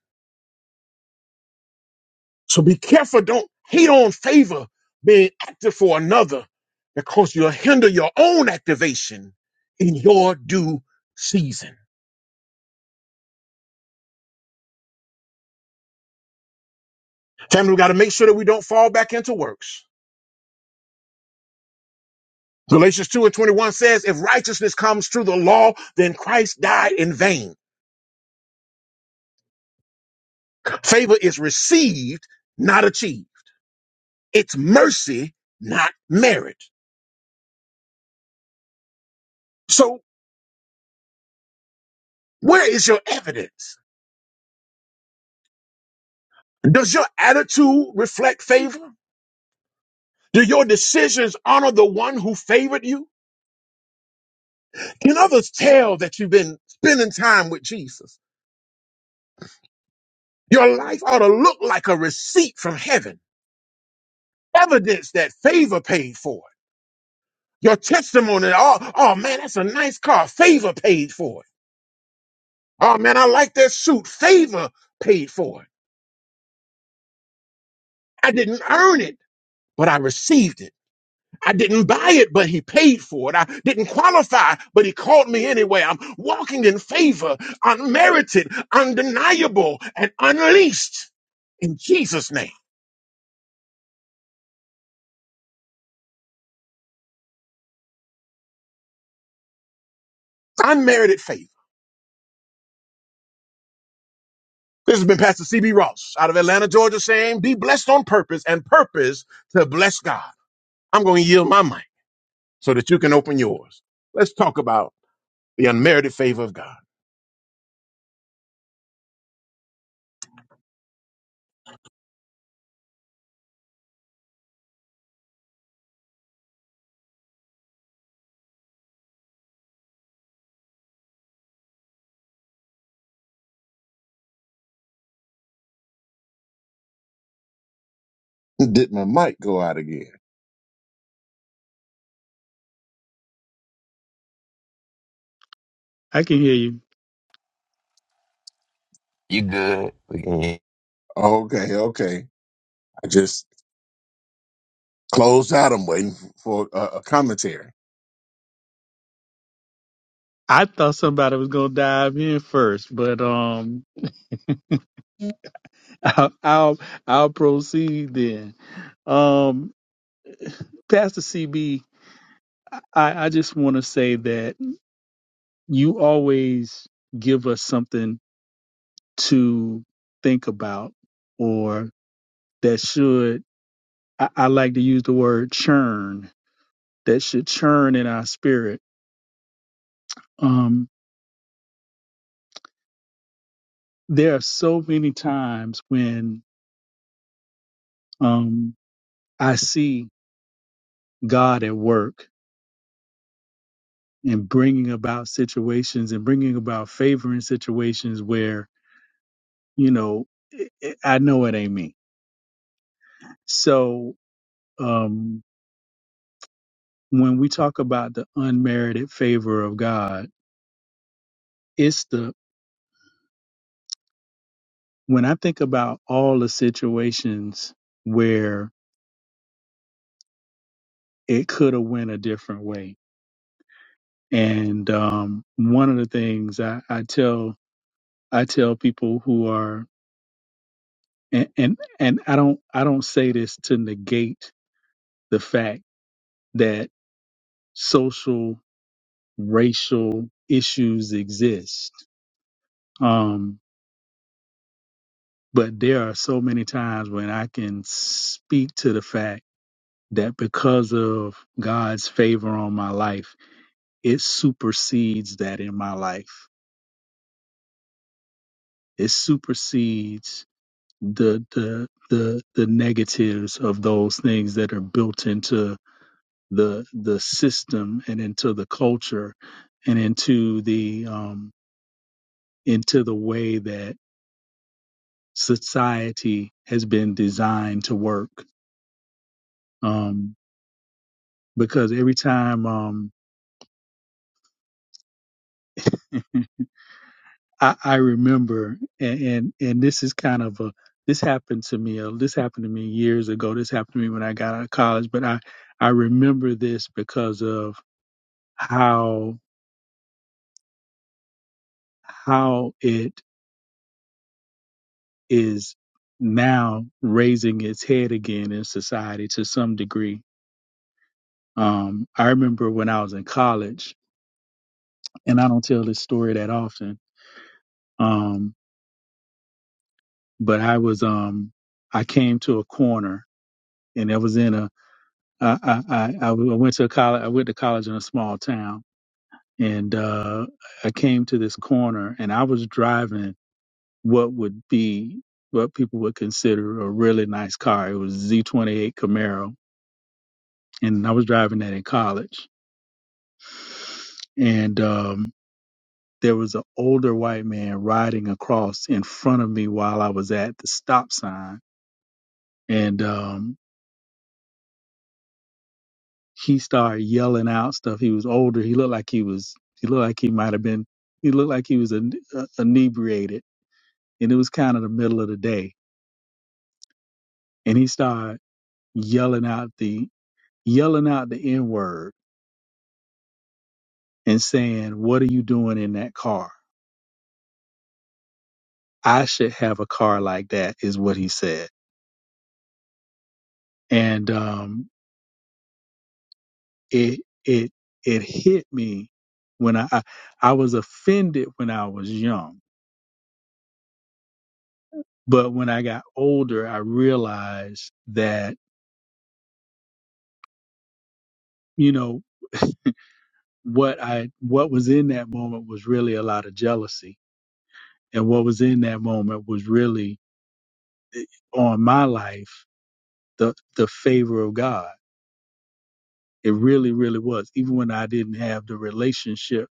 So be careful. Don't hate on favor being active for another because you'll hinder your own activation in your due season. Family, we got to make sure that we don't fall back into works. Galatians 2 and 21 says, if righteousness comes through the law, then Christ died in vain. Favor is received, not achieved. It's mercy, not merit. So where is your evidence? Does your attitude reflect favor? Do your decisions honor the one who favored you? Can others tell that you've been spending time with Jesus? Your life ought to look like a receipt from heaven, evidence that favor paid for. Your testimony, oh, oh man, that's a nice car. Favor paid for it. Oh man, I like that suit. Favor paid for it. I didn't earn it, but I received it. I didn't buy it, but he paid for it. I didn't qualify, but he called me anyway. I'm walking in favor, unmerited, undeniable, and unleashed in Jesus' name. Unmerited favor. This has been Pastor CB Ross out of Atlanta, Georgia, saying, Be blessed on purpose and purpose to bless God. I'm going to yield my mic. so that you can open yours. Let's talk about the unmerited favor of God. Did my mic go out again?
can hear you.
You good? We can hear
Okay, okay. I just closed out. I'm waiting for a, a commentary.
I thought somebody was gonna dive in first, but um, I'll I'll, I'll proceed then. Um, Pastor CB, I, I just want to say that you always give us something to think about, or that should. I, I like to use the word churn that should churn in our spirit. Um, there are so many times when um, I see God at work and bringing about situations and bringing about favoring situations where, you know, it, it, I know it ain't me. So um, when we talk about the unmerited favor of God, it's the, when I think about all the situations where it could have went a different way. And um, one of the things I, I tell I tell people who are and, and and I don't I don't say this to negate the fact that social racial issues exist. Um, but there are so many times when I can speak to the fact that because of God's favor on my life, it supersedes that in my life. It supersedes the the the the negatives of those things that are built into the the system and into the culture and into the um into the way that society has been designed to work um because every time um I, I remember and, and and this is kind of a this happened to me uh, this happened to me years ago this happened to me when I got out of college but I I remember this because of how how it is now raising its head again in society to some degree. Um, I remember when I was in college, and I don't tell this story that often, um, but I was um, I came to a corner, and I was in a I, I, I I went to a college I went to college in a small town, and uh, I came to this corner, and I was driving what would be what people would consider a really nice car. It was a Z 28 Camaro and I was driving that in college. And um, there was an older white man riding across in front of me while I was at the stop sign. And um, he started yelling out stuff. He was older. He looked like he was, he looked like he might have been, he looked like he was in, uh, inebriated. And it was kind of the middle of the day. And he started yelling out the, yelling out the N word and saying, What are you doing in that car? I should have a car like that," is what he said and um, it it it hit me when I, I I was offended when I was young, but when I got older, I realized that you know what I what was in that moment was really a lot of jealousy, and what was in that moment was really on my life the the favor of God. It really, really was. Even when I didn't have the relationship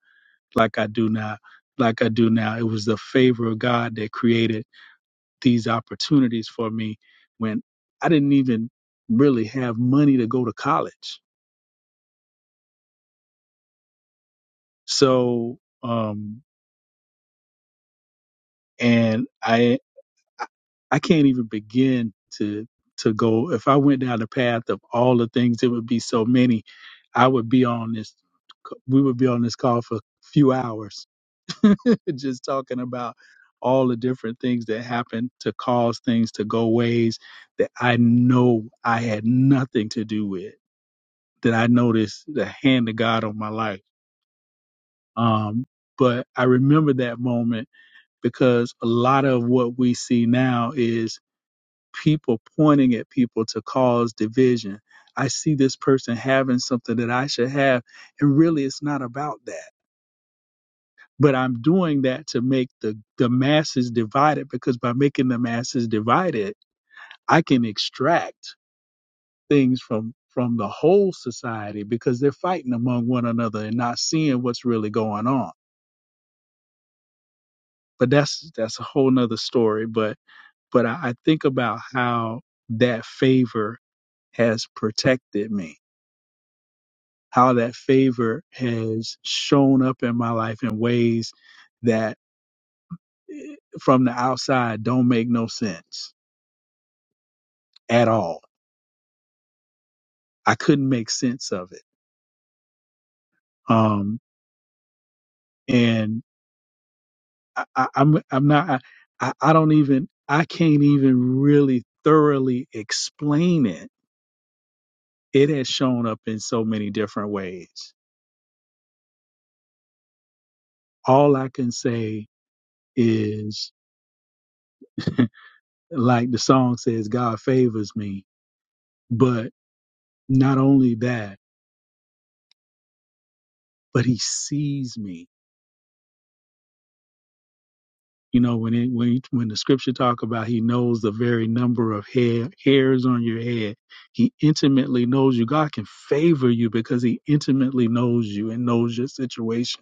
like I do now, like I do now, it was the favor of God that created these opportunities for me when I didn't even really have money to go to college. So, um, and I, I can't even begin to, to go. If I went down the path of all the things, it would be so many. I would be on this, we would be on this call for a few hours, just talking about all the different things that happen to cause things to go ways that I know I had nothing to do with that I noticed the hand of God on my life. Um, but I remember that moment because a lot of what we see now is people pointing at people to cause division. I see this person having something that I should have, and really it's not about that. But I'm doing that to make the, the masses divided because by making the masses divided, I can extract. things from from the whole society because they're fighting among one another and not seeing what's really going on but that's that's a whole nother story but but i, I think about how that favor has protected me how that favor has shown up in my life in ways that eh, from the outside don't make no sense at all i couldn't make sense of it um and I, I, I'm I'm not I, I I don't even I can't even really thoroughly explain it. It has shown up in so many different ways. All I can say is like the song says, God favors me. But not only that, but he sees me You know, when it when when the scripture talk about he knows the very number of hair hairs on your head, he intimately knows you. God can favor you because he intimately knows you and knows your situation.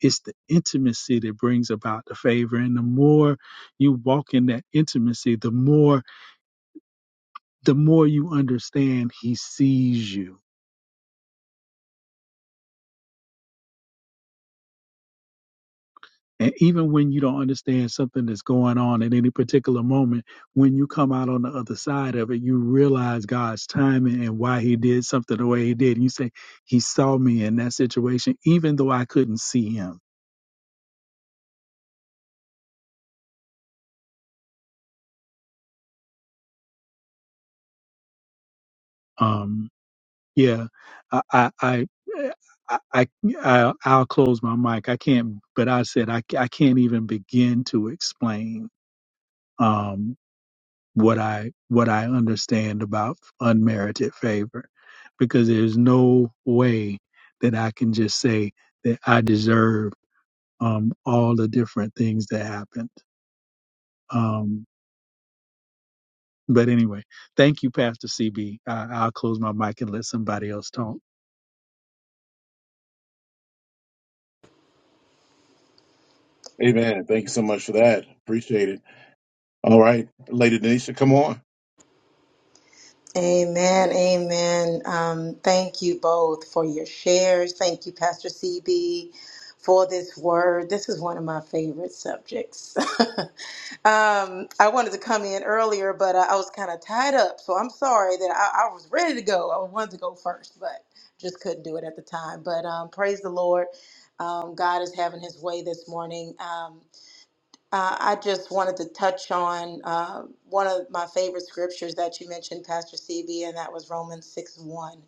It's the intimacy that brings about the favor. And the more you walk in that intimacy, the more the more you understand he sees you And even when you don't understand something that's going on at any particular moment, when you come out on the other side of it, you realize God's timing and why He did something the way He did. And You say, He saw me in that situation, even though I couldn't see Him. Um, yeah, I, I, I, I, I, I- I'll close my mic. I can't, but I said I, I can't even begin to explain. Um, what I what I understand about unmerited favor because there's no way that I can just say that I deserve um, all the different things that happened. Um, but anyway, thank you, Pastor CB. I'll close my mic and let somebody else talk.
Amen. Thank you so much for that. Appreciate it. All right, Lady Denisha, come on.
Amen, amen. Um, thank you both for your shares. Thank you, Pastor CB, for this word. This is one of my favorite subjects. um, I wanted to come in earlier, but I, I was kind of tied up, so I'm sorry that I, I was ready to go. I wanted to go first, but just couldn't do it at the time. But um, praise the Lord. Um, God is having His way this morning. Um, uh, I just wanted to touch on uh, one of my favorite scriptures that you mentioned, Pastor CB, and that was Romans 6 1.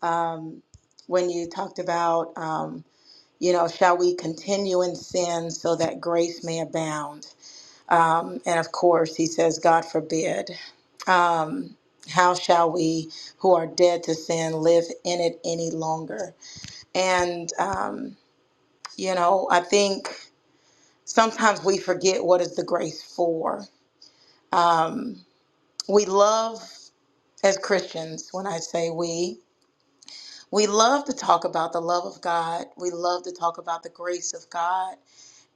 Um, when you talked about, um, you know, shall we continue in sin so that grace may abound? Um, and of course, he says, God forbid. Um, how shall we who are dead to sin live in it any longer? And, um, you know, I think sometimes we forget what is the grace for Um, we love, as Christians, when I say we, we love to talk about the love of God. We love to talk about the grace of God,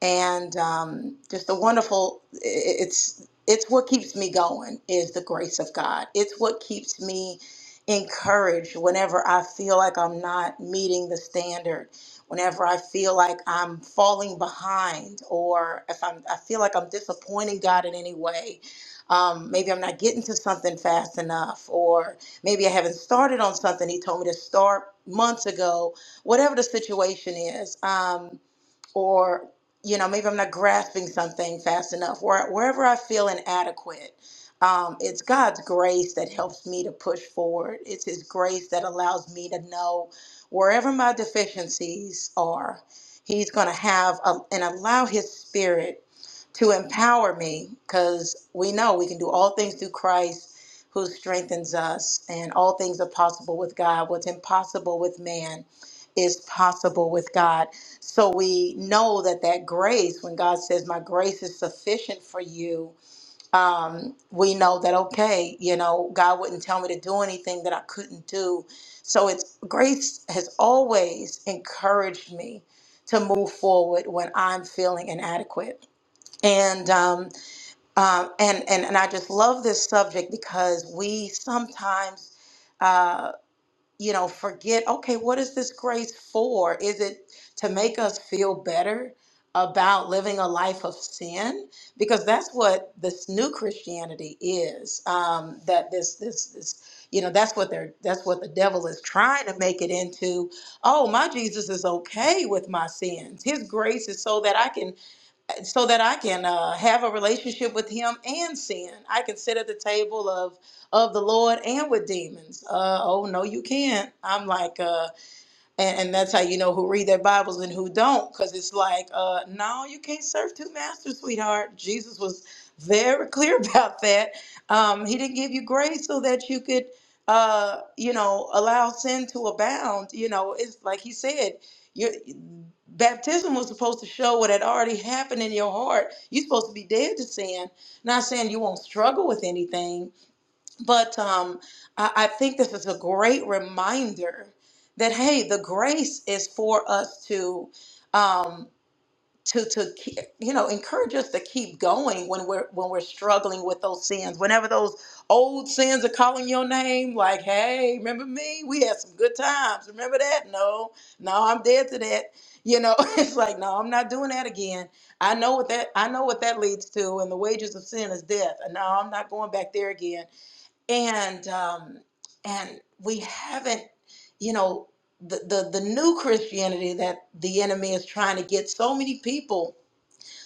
and um, just the wonderful. i- i- It's it's what keeps me going is the grace of God. It's what keeps me encouraged whenever I feel like I'm not meeting the standard. Whenever I feel like I'm falling behind or I feel like I'm disappointing God in any way, um, maybe I'm not getting to something fast enough, or maybe I haven't started on something he told me to start months ago, whatever the situation is, um, or you know, maybe I'm not grasping something fast enough, or wherever I feel inadequate. Um, it's God's grace that helps me to push forward. It's His grace that allows me to know wherever my deficiencies are, He's going to have a, and allow His Spirit to empower me because we know we can do all things through Christ who strengthens us, and all things are possible with God. What's impossible with man is possible with God. So we know that that grace, when God says, My grace is sufficient for you, um, we know that, okay, you know, God wouldn't tell me to do anything that I couldn't do. So it's grace has always encouraged me to move forward when I'm feeling inadequate and um, um, and and and I just love this subject because we sometimes, uh, you know, forget. Okay, what is this grace for? Is it to make us feel better about living a life of sin? Because that's what this new Christianity is. Um, that this this this. You know that's what they're that's what the devil is trying to make it into. Oh, my Jesus is okay with my sins. His grace is so that I can uh, so that I can uh, have a relationship with Him and sin. I can sit at the table of of the Lord and with demons. Uh, oh no, you can't. I'm like. uh, and, and that's how you know who read their Bibles and who don't, because it's like, uh, no, you can't serve two masters, sweetheart. Jesus was very clear about that. Um, he didn't give you grace so that you could, uh, you know, allow sin to abound. You know, it's like he said, your baptism was supposed to show what had already happened in your heart. You're supposed to be dead to sin. Not saying you won't struggle with anything, but um, I, I think this is a great reminder that hey, the grace is for us to um, to to ke- you know encourage us to keep going when we're when we're struggling with those sins. Whenever those old sins are calling your name, like hey, remember me? We had some good times. Remember that? No, no, I'm dead to that. You know, it's like no, I'm not doing that again. I know what that I know what that leads to, and the wages of sin is death. And no, I'm not going back there again and um, and we haven't, you know, the, the the new Christianity that the enemy is trying to get so many people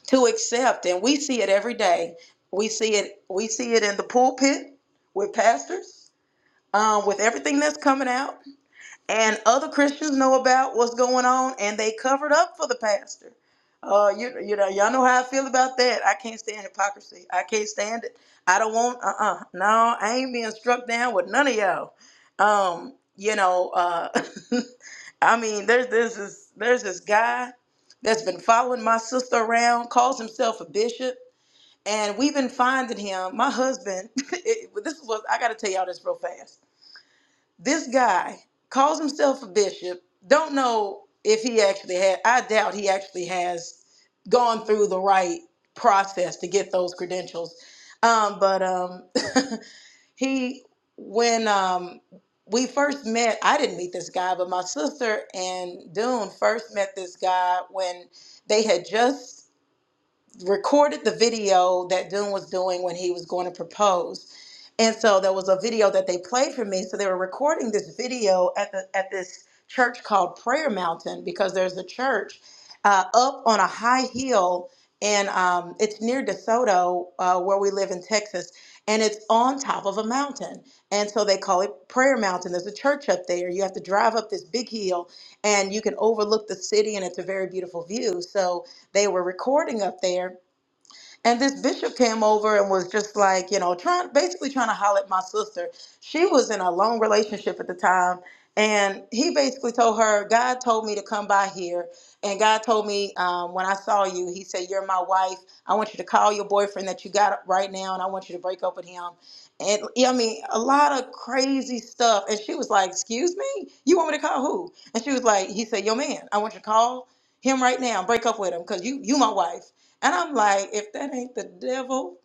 to accept, and we see it every day. We see it. We see it in the pulpit with pastors, um, with everything that's coming out and other Christians know about what's going on, and they covered up for the pastor. Uh, you you know y'all know how I feel about that. I can't stand hypocrisy. I can't stand it. I don't want uh uh no. I ain't being struck down with none of y'all. Um, you know uh, I mean there's there's this there's this guy that's been following my sister around, calls himself a bishop, and we've been finding him. My husband, it, this was I got to tell y'all this real fast this guy calls himself a bishop don't know if he actually had i doubt he actually has gone through the right process to get those credentials um, but um, he when um, we first met i didn't meet this guy but my sister and dune first met this guy when they had just recorded the video that Dune was doing when he was going to propose. And so there was a video that they played for me. So they were recording this video at the at this church called Prayer Mountain because there's a church uh, up on a high hill, and um, it's near DeSoto uh, where we live in Texas, and it's on top of a mountain. And so they call it Prayer Mountain. There's a church up there. You have to drive up this big hill, and you can overlook the city, and it's a very beautiful view. So they were recording up there and this bishop came over and was just like, you know, trying basically trying to holler at my sister. She was in a long relationship at the time. And he basically told her, God told me to come by here. And God told me um, when I saw you, He said, You're my wife. I want you to call your boyfriend that you got right now and I want you to break up with him. And yeah, I mean, a lot of crazy stuff. And she was like, Excuse me? You want me to call who? And she was like, He said, Your man, I want you to call him right now and break up with him because you, you my wife. And I'm like, if that ain't the devil,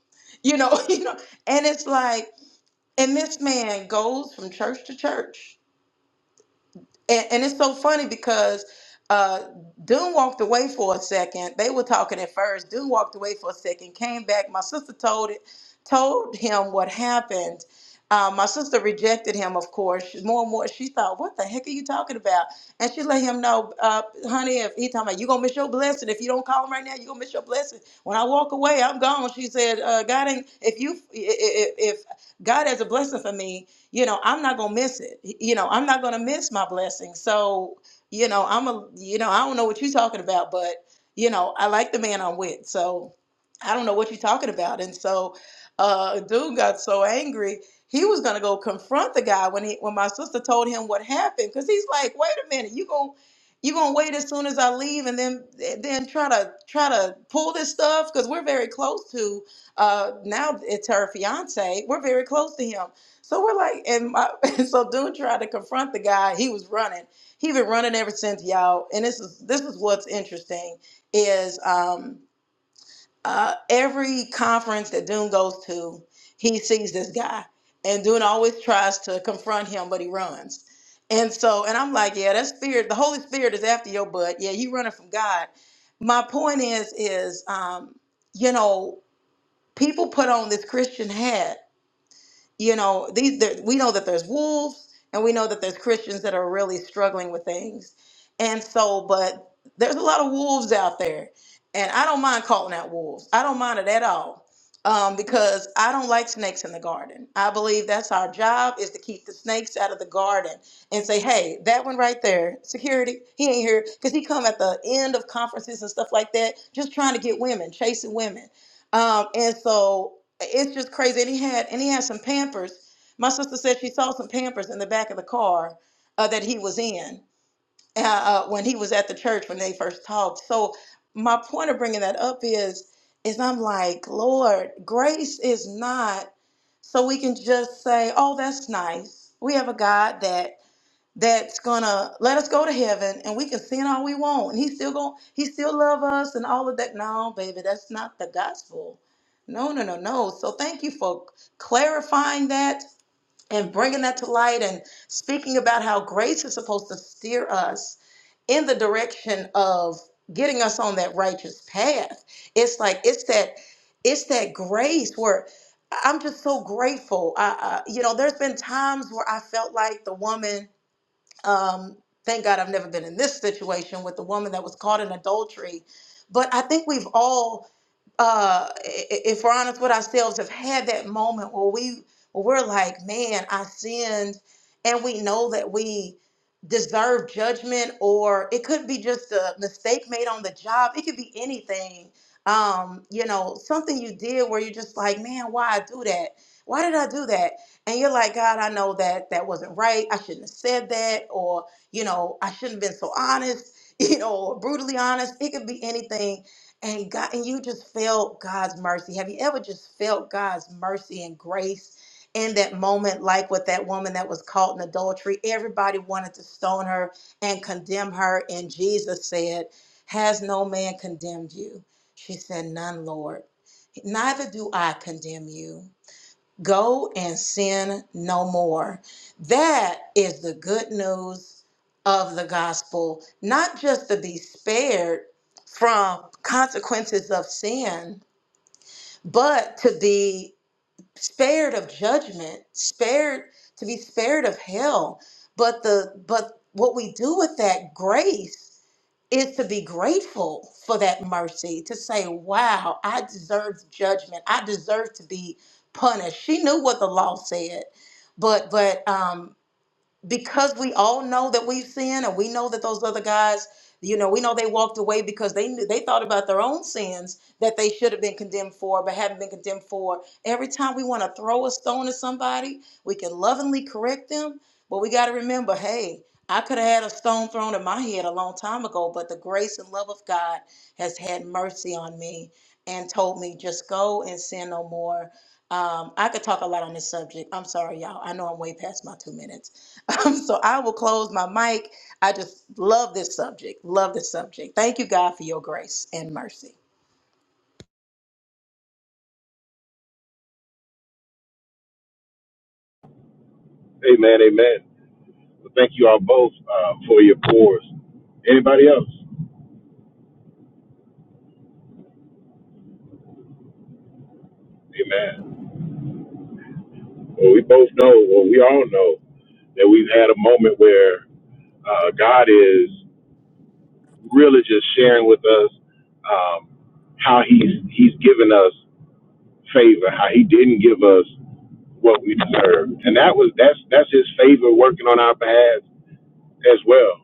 you know, you know, and it's like, and this man goes from church to church and, and it's so funny because uh, Dune walked away for a second. They were talking at first. Dune walked away for a second, came back. My sister told it, told him what happened. Uh, my sister rejected him, of course. She- More and more, she thought, "What the heck are you talking about?" And she let him know, uh, "Honey, if he talking about you gonna miss your blessing, if you don't call him right now, you gonna miss your blessing. When I walk away, I'm gone." She said, uh, "God ain't if you i- if God has a blessing for me, you know, I'm not gonna miss it. You know, I'm not gonna miss my blessing. So, you know, I'm a, you know, I don't know what you're talking about, but you know, I like the man I'm with. So, I don't know what you're talking about. And so, uh, dude got so angry he was gonna go confront the guy when he when my sister told him what happened because he's like, wait a minute, you going you gonna wait as soon as I leave and then then try to try to pull this stuff because we're very close to uh now it's her fiance we're very close to him so we're like, and my, so dude tried to confront the guy. He was running. He been running ever since, y'all. And this is this is what's interesting is um, uh, every conference that Dune goes to, he sees this guy, and Dune always tries to confront him, but he runs. And so, and I'm like, yeah, that spirit, the Holy Spirit is after your butt. Yeah, you running from God. My point is, is um, you know, people put on this Christian hat you know these there, we know that there's wolves and we know that there's christians that are really struggling with things and so but there's a lot of wolves out there and i don't mind calling out wolves i don't mind it at all um, because i don't like snakes in the garden i believe that's our job is to keep the snakes out of the garden and say hey that one right there security he ain't here because he come at the end of conferences and stuff like that just trying to get women chasing women um, and so it's just crazy. And he had and he had some Pampers. My sister said she saw some Pampers in the back of the car uh, that he was in uh, uh, when he was at the church when they first talked. So my point of bringing that up is is I'm like, Lord, grace is not so we can just say, oh, that's nice. We have a God that that's gonna let us go to heaven and we can sin all we want and he's still going he still love us and all of that no baby that's not the gospel no no no no so thank you for clarifying that and bringing that to light and speaking about how grace is supposed to steer us in the direction of getting us on that righteous path it's like it's that it's that grace where I- am just so grateful I, I you know there's been times where i felt like the woman um, thank God I've never been in this situation with the woman that was caught in adultery. But I think we've all uh, i- i- if we're honest with ourselves, have had that moment where we where we're like, man, I sinned, and we know that we deserve judgment, or it could be just a mistake made on the job. It could be anything. Um, you know, something you did where you're just like, man, why I do that? Why did I do that? And you're like, God, I know that that wasn't right. I shouldn't have said that, or you know, I shouldn't have been so honest, you know, or brutally honest. It could be anything and God and you just felt God's mercy. Have you ever just felt God's mercy and grace in that moment, like with that woman that was caught in adultery? Everybody wanted to stone her and condemn her, and Jesus said, "Has no man condemned you?" She said, "None, Lord. Neither do I condemn you. Go and sin no more. That is the good news of the gospel, not just to be spared from consequences of sin, but to be spared of judgment, spared to be spared of hell. But the but what we do with that grace is to be grateful for that mercy, to say, wow, I deserved judgment. I deserve to be punished. She knew what the law said, but but um because we all know that we've sinned and we know that those other guys you know we know they walked away because they knew they thought about their own sins that they should have been condemned for but haven't been condemned for every time we want to throw a stone at somebody we can lovingly correct them but we got to remember hey i could have had a stone thrown at my head a long time ago but the grace and love of god has had mercy on me and told me just go and sin no more um, i could talk a lot on this subject i'm sorry y'all i know i'm way past my two minutes Um, so I will close my mic. I just love this subject. Love this subject. Thank you, God, for your grace and mercy.
Amen, amen. Well, thank you all both uh, for your pours. Anybody else? Amen. Well, we both know, well, we all know that we've had a moment where uh, God is. really just sharing with us um, how he's he's given us favor, how he didn't give us what we deserved, and that was that's that's his favor working on our behalf as well.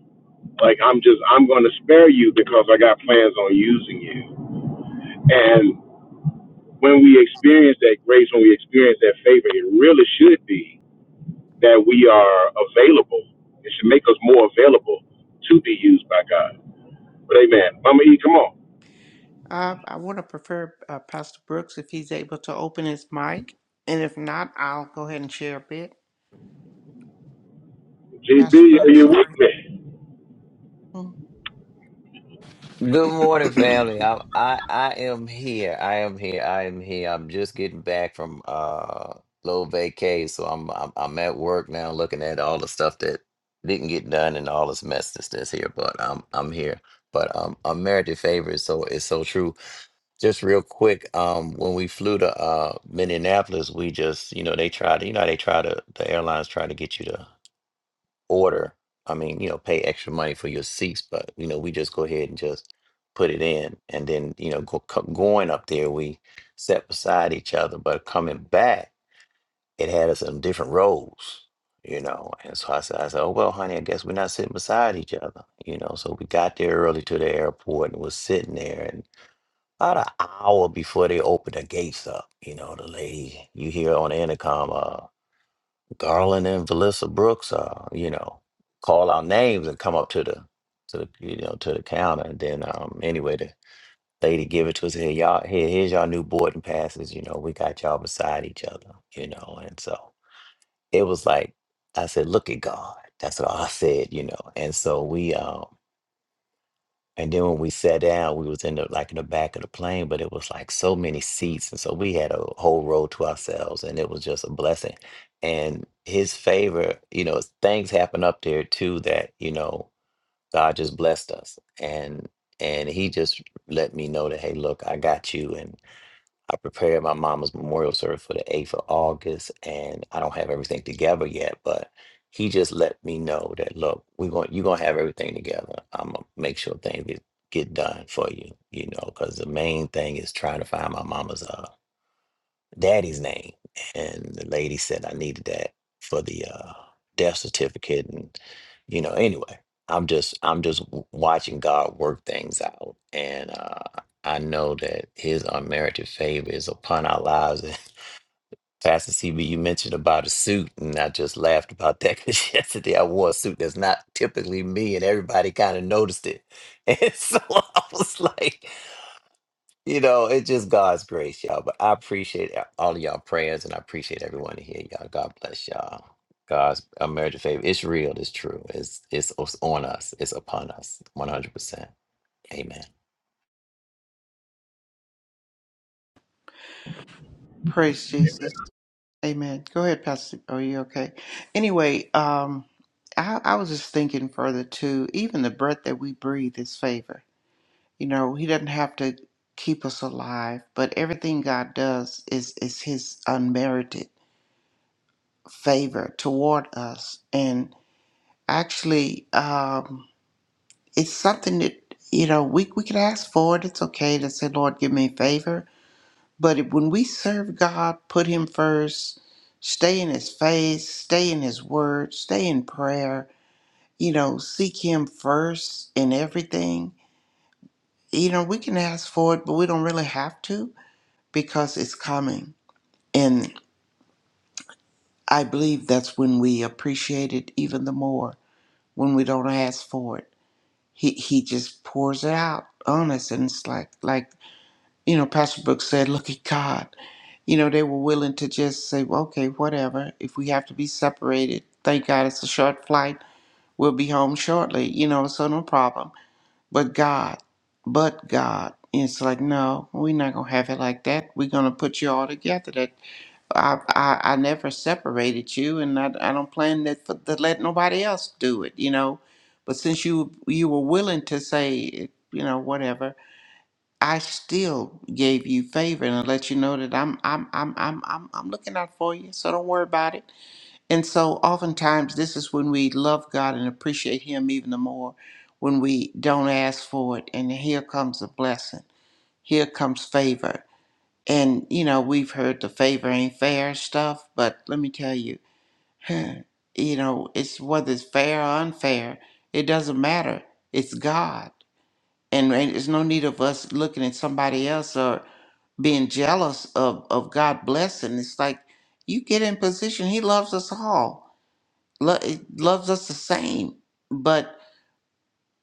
Like I'm just I'm going to spare you because I got plans on using you. And when we experience that grace, when we experience that favor, it really should be that we are available. It should make us more available to be used by God. But amen, Mama E, come on,
Uh, I want to prefer uh, Pastor Brooks if he's able to open his mic. And if not, I'll go ahead and share a bit.
GB,
Pastor
are
Brooks,
you with
sorry.
me?
Mm.
you. Good morning, family. I, I I am here. I am here. I am here. I'm just getting back from uh little vacay, so I'm I'm, I'm at work now, looking at all the stuff that didn't get done and all this mess that's, that's here. But I'm I'm here. But um, unmerited favor is so is so true. Just real quick, um, when we flew to uh Minneapolis, we just you know they try to you know how they try to the airlines try to get you to order. I mean, you know, pay extra money for your seats, but you know, we just go ahead and just put it in, and then you know, go, co- going up there, we sat beside each other. But coming back, it had us in different rows, you know. And so I said, I said, oh well, honey, I guess we're not sitting beside each other, you know. So we got there early to the airport and was sitting there, and about an hour before they opened the gates up, you know, the lady you hear on the intercom. uh, Garland and Valissa Brooks, uh, you know, call our names and come up to the to the you know to the counter, and then um anyway the lady give it to us here y'all here here's y'all new boarding passes. You know, we got y'all beside each other. You know, and so it was like I said, look at God. That's what I said. You know, and so we um. And then when we sat down, we was in the like in the back of the plane, but it was like so many seats, and so we had a whole row to ourselves, and it was just a blessing. And his favor, you know, things happen up there too that you know God just blessed us, and and he just let me know that hey, look, I got you, I prepared my mama's memorial service for the 8th of August, and I don't have everything together yet, but he just let me know that, look, we're going, you're going to have everything together. I'm going to make sure things get, get done for you, you know, because the main thing is trying to find my mama's uh daddy's name. And the lady said I needed that for the uh, death certificate. And, you know, anyway, I'm just I'm just w- watching God work things out. And uh, I know that his unmerited favor is upon our lives. And Pastor CB, you mentioned about a suit, and I just laughed about that because yesterday I wore a suit that's not typically me, and everybody kind of noticed it. And so I was like, you know, it's just God's grace, y'all. But I appreciate all of y'all prayers, and I appreciate everyone in here, y'all. God bless y'all. God's unmerited favor. It's real. It's true. It's it's, it's on us. It's upon us. One hundred percent. Amen.
Praise Jesus. Amen. Go ahead, Pastor. Are you okay? Anyway, um, I, I was just thinking further too. Even the breath that we breathe is favor. You know, He doesn't have to keep us alive, but everything God does is is His unmerited favor toward us, and actually um, it's something that you know we, we can ask for it it's okay to say lord give me a favor but it- when we serve god put him first stay in his face stay in his word stay in prayer you know seek him first in everything you know we can ask for it but we don't really have to because it's coming and i believe that's when we appreciate it even the more when we don't ask for it he he just pours it out on us and it's like like you know pastor brooks said look at god you know they were willing to just say well, okay whatever if we have to be separated thank god it's a short flight we'll be home shortly you know so no problem but god but god And it's like no we're not gonna have it like that we're gonna put you all together that. I, I I never separated you, and I, I don't plan that for, to let nobody else do it, you know. But since you you were willing to say, you know, whatever, I still gave you favor and let you know that I'm I'm I'm I'm I'm I'm looking out for you, so don't worry about it. And so, oftentimes, this is when we love God and appreciate Him even the more when we don't ask for it, and here comes a blessing, here comes favor and, you know, we've heard the favor ain't fair stuff, but let me tell you, you know, it's whether it's fair or unfair, it doesn't matter. It's God. And, and there's no need of us looking at somebody else or being jealous of, of God blessing. It's like you get in position, He loves us all, Lo- He loves us the same. But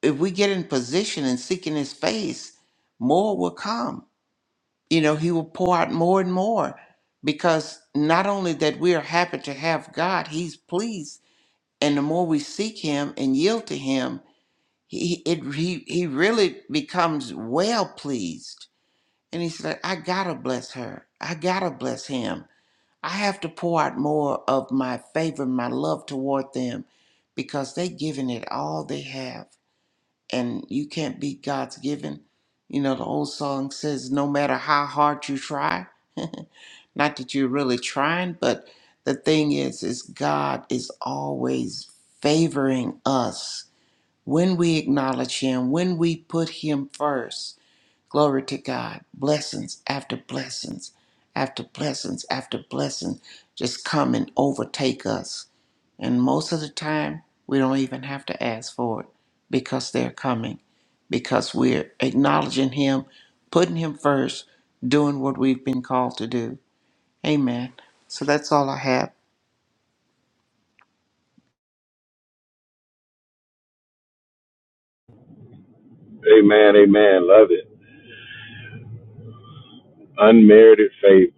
if we get in position and seeking His face, more will come you know, he will pour out more and more because not only that we are happy to have God, he's pleased. And the more we seek him and yield to him, he, it, he, he really becomes well pleased. And he's like, I gotta bless her. I gotta bless him. I have to pour out more of my favor, my love toward them because they giving it all they have and you can't beat God's giving. You know, the old song says, no matter how hard you try, not that you're really trying, but the thing is, is God is always favoring us when we acknowledge Him, when we put Him first Glory to God. Blessings after blessings after blessings after blessings, just come and overtake us. And most of the time, we don't even have to ask for it because they're coming, because we're acknowledging Him, putting Him first, doing what we've been called to do. Amen. So that's all I have.
Amen, amen. Love it. Unmerited favor.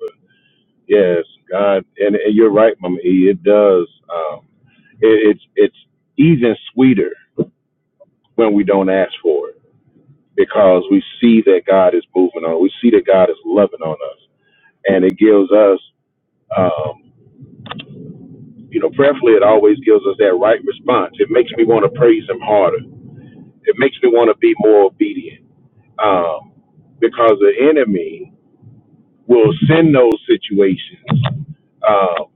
Yes, God, and, and you're right, Mama E. It does. Um, it, it's it's even sweeter when we don't ask for it because we see that God is moving on. We see that God is loving on us, and it gives us, um, you know, prayerfully, it always gives us that right response. It makes me want to praise Him harder. It makes me want to be more obedient um, because the enemy will send those situations. Um,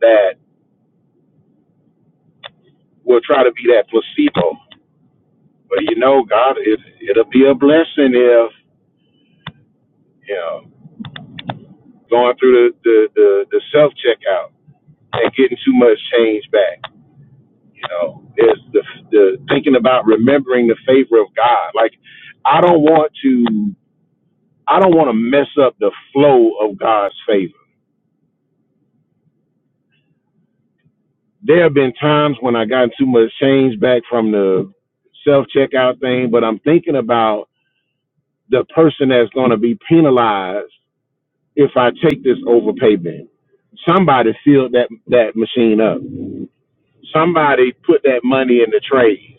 that will try to be that placebo. But you know, God, it, it'll be a blessing if you know going through the the, the, the self checkout and getting too much change back. You know, there's the the thinking about remembering the favor of God. Like I don't want to I don't want to mess up the flow of God's favor. There have been times when I got too much change back from the self checkout thing, but I'm thinking about the person that's going to be penalized if I take this overpay bid. Somebody filled that that machine up. Somebody put that money in the trays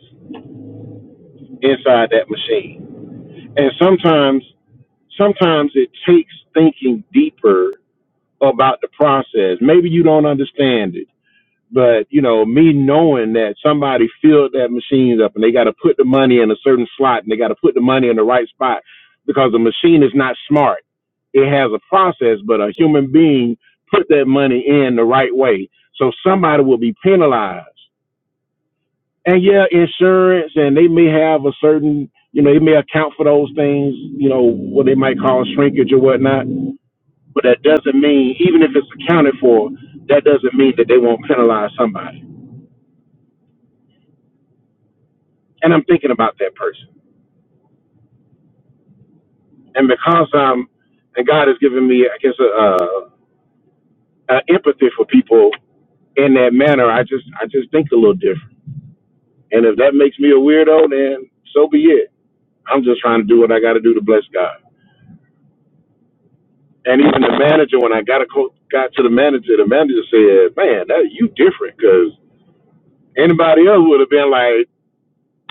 inside that machine. And sometimes sometimes it takes thinking deeper about the process. Maybe you don't understand it But you know, me knowing that somebody filled that machine up and they got to put the money in a certain slot and they got to put the money in the right spot because the machine is not smart. It has a process, but a human being put that money in the right way. So somebody will be penalized. And yeah, insurance and they may have a certain, you know, they may account for those things, you know, what they might call shrinkage or whatnot. But that doesn't mean, even if it's accounted for, that doesn't mean that they won't penalize somebody. and I'm thinking about that person. And because I'm, and God has given me, I guess, a, a, a empathy for people in that manner. I just, I just think a little different. And if that makes me a weirdo, then so be it. I'm just trying to do what I got to do to bless God. And even the manager, when I got a co- got to the manager, the manager said, "Man, that you different, because anybody else would have been like,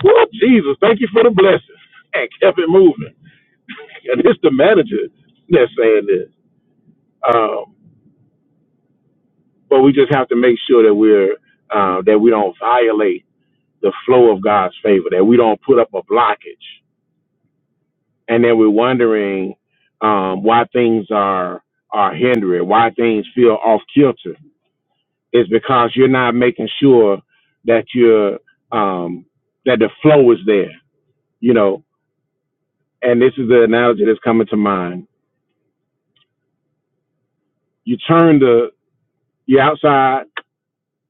well, Jesus, thank you for the blessing,' and kept it moving. And it's the manager that's saying this. Um, but we just have to make sure that we're uh, that we don't violate the flow of God's favor, that we don't put up a blockage, and then we're wondering um, why things are are hindering, why things feel off kilter. It's because you're not making sure that you're um, that the flow is there, you know. And this is the analogy that's coming to mind. You turn the you're outside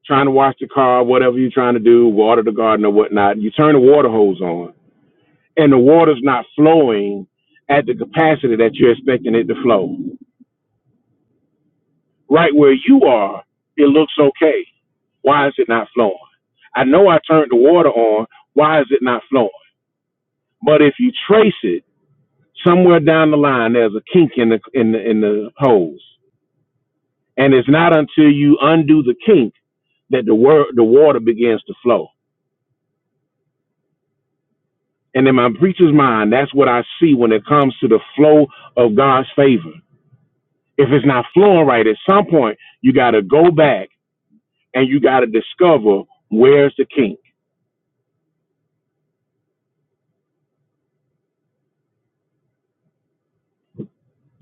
trying to wash the car, whatever you're trying to do, water the garden or whatnot. You turn the water hose on and the water's not flowing at the capacity that you're expecting it to flow. Right where you are, it looks okay. Why is it not flowing? I know I turned the water on. Why is it not flowing? But if you trace it somewhere down the line, there's a kink in the in the in the hose, and it's not until you undo the kink that the wor- the water begins to flow. And in my preacher's mind, that's what I see when it comes to the flow of God's favor if it's not flowing right at some point you got to go back and you got to discover where's the kink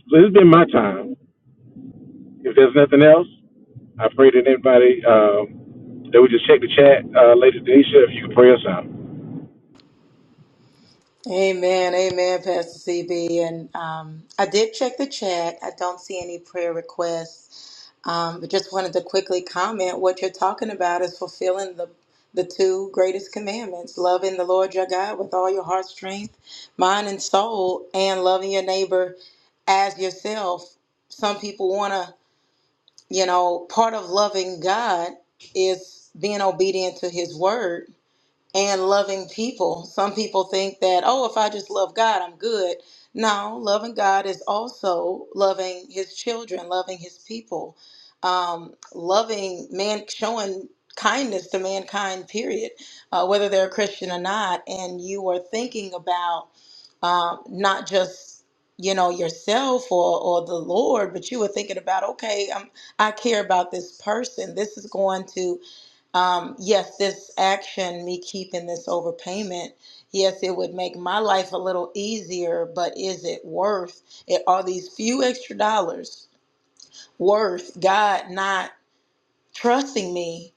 so this has been my time if there's nothing else i pray that anybody um, that we just check the chat uh, lady denisha if you can pray us out
Amen, amen, Pastor CB. And um, I did check the chat. I don't see any prayer requests, um, but just wanted to quickly comment. What you're talking about is fulfilling the the two greatest commandments: loving the Lord your God with all your heart, strength, mind, and soul, and loving your neighbor as yourself. Some people want to You know, part of loving God is being obedient to his word and loving people. Some people think that, oh, if I just love God, I'm good. No, loving God is also loving his children, loving his people, um, loving man, showing kindness to mankind, period, uh, whether they're a Christian or not. And you are thinking about um, not just you know yourself or or the Lord, but you were thinking about okay, um, I care about this person. This is going to um, yes, this action, me keeping this overpayment. Yes, it would make my life a little easier, but is it worth it? Are these few extra dollars worth God not? trusting me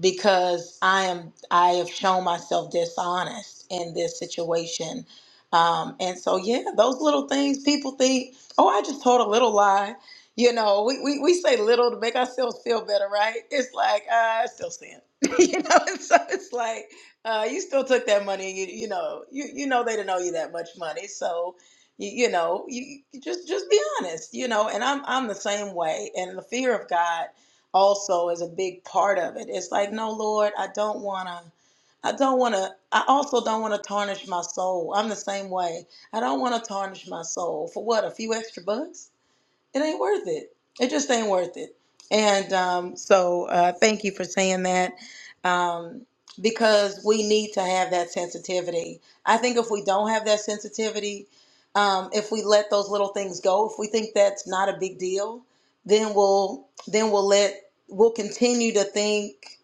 because I am I have shown myself dishonest in this situation. Um, and so yeah, those little things people think, oh, I just told a little lie. You know, we, we, we say little to make ourselves feel better, right? It's like, uh, I still sin. you know, and so it's like, uh, you still took that money. You, you know, you, you know, they didn't owe you that much money. So, you, you know, you, you just, just be honest, you know, and I'm, I'm the same way. And the fear of God also is a big part of it. It's like, no, Lord, I don't want to. I don't want to. I also don't want to tarnish my soul. I'm the same way. I don't want to tarnish my soul for what? A few extra bucks? it ain't worth it. It just ain't worth it. And um, so uh, thank you for saying that um, because we need to have that sensitivity. I think if we don't have that sensitivity, um, if we let those little things go, if we think that's not a big deal, then we'll then we'll let we'll continue to think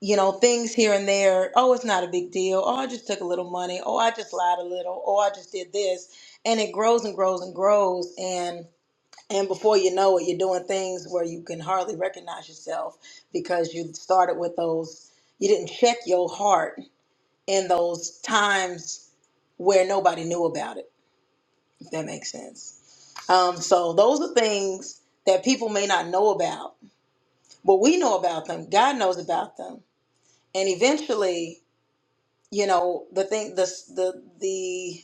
you know things here and there. Oh, it's not a big deal. Oh, I just took a little money. Oh, I just lied a little. Oh, I just did this, and it grows and grows and grows and and before you know it, you're doing things where you can hardly recognize yourself because you started with those, you didn't check your heart in those times where nobody knew about it, if that makes sense. Um, so those are things that people may not know about, but we know about them. God knows about them, and eventually, you know, the thing, the the the,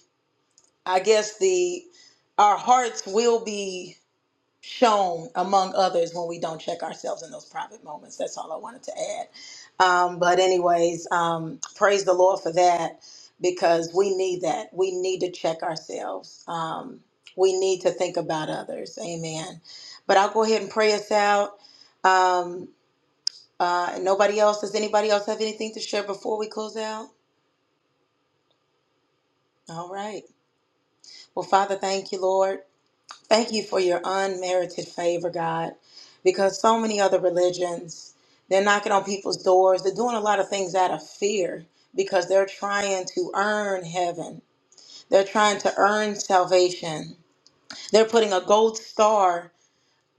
I guess the, our hearts will be shown among others when we don't check ourselves in those private moments. That's all I wanted to add. Um, but, anyways, um, praise the Lord for that because we need that. We need to check ourselves. Um, we need to think about others. Amen. But I'll go ahead and pray us out. Um, uh, nobody else, does anybody else have anything to share before we close out? All right. Well, Father, thank you, Lord. Thank you for your unmerited favor, God, because so many other religions, they're knocking on people's doors. They're doing a lot of things out of fear because they're trying to earn heaven, they're trying to earn salvation. They're putting a gold star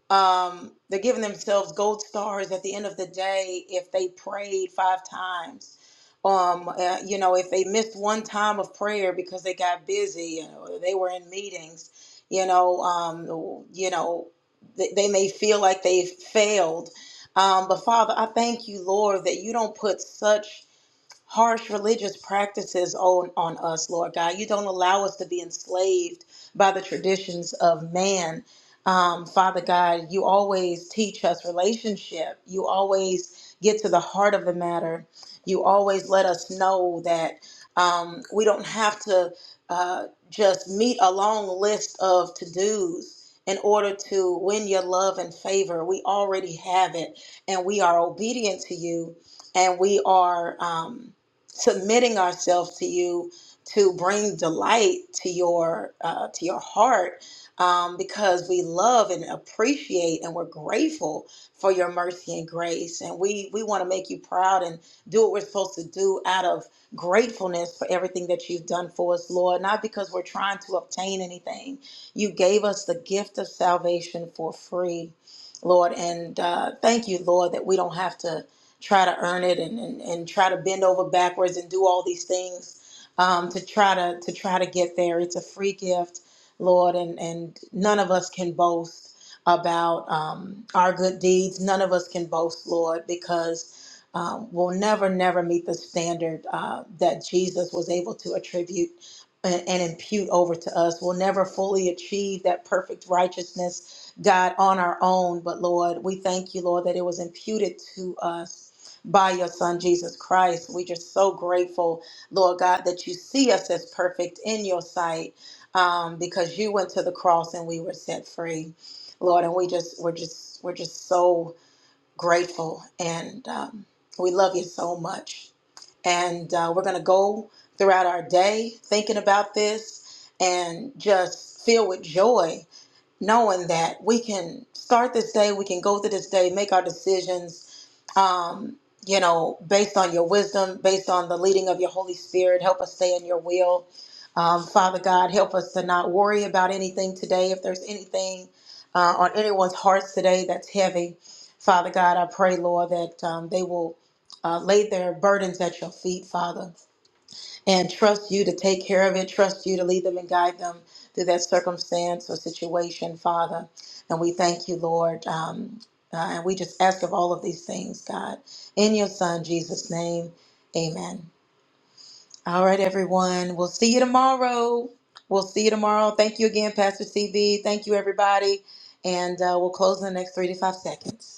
um, they're giving themselves gold stars at the end of the day if they prayed five times. Um, uh, you know, if they missed one time of prayer because they got busy, you know, they were in meetings, you know, um, you know, they, they may feel like they've failed. Um, but Father, I thank you, Lord, that you don't put such harsh religious practices on, on us, Lord God. You don't allow us to be enslaved by the traditions of man. Um, Father God, you always teach us relationship. You always get to the heart of the matter. You always let us know that um, we don't have to uh, just meet a long list of to dos in order to win your love and favor. We already have it, and we are obedient to you, and we are. Um, submitting ourselves to you to bring delight to your uh, to your heart um, because we love and appreciate and we're grateful for your mercy and grace and we we want to make you proud and do what we're supposed to do out of gratefulness for everything that you've done for us lord not because we're trying to obtain anything you gave us the gift of salvation for free lord and uh, thank you lord that we don't have to try to earn it and, and, and try to bend over backwards and do all these things um, to try to to try to get there. It's a free gift, Lord, and, and none of us can boast about um, our good deeds. None of us can boast, Lord, because um, we'll never, never meet the standard uh, that Jesus was able to attribute and, and impute over to us. We'll never fully achieve that perfect righteousness, God, on our own. But Lord, we thank you, Lord, that it was imputed to us by your son Jesus Christ. We're just so grateful, Lord God, that you see us as perfect in your sight um, because you went to the cross and we were set free, Lord. And we just, we're just, we're just so grateful and um, we love you so much. And uh, we're going to go throughout our day thinking about this and just filled with joy knowing that we can start this day, we can go through this day, make our decisions, um, you know, based on your wisdom, based on the leading of your Holy Spirit. Help us stay in your will. Um, Father God, help us to not worry about anything today. If there's anything uh, on anyone's hearts today that's heavy, Father God, I pray, Lord, that um, they will uh, lay their burdens at your feet, Father and trust you to take care of it, trust you to lead them and guide them through that circumstance or situation, Father. And we thank you, Lord. Um, uh, and we just ask of all of these things, God, in your Son, Jesus' name. Amen. All right, everyone. We'll see you tomorrow. We'll see you tomorrow. Thank you again, Pastor CB. Thank you, everybody. And uh, we'll close in the next three to five seconds.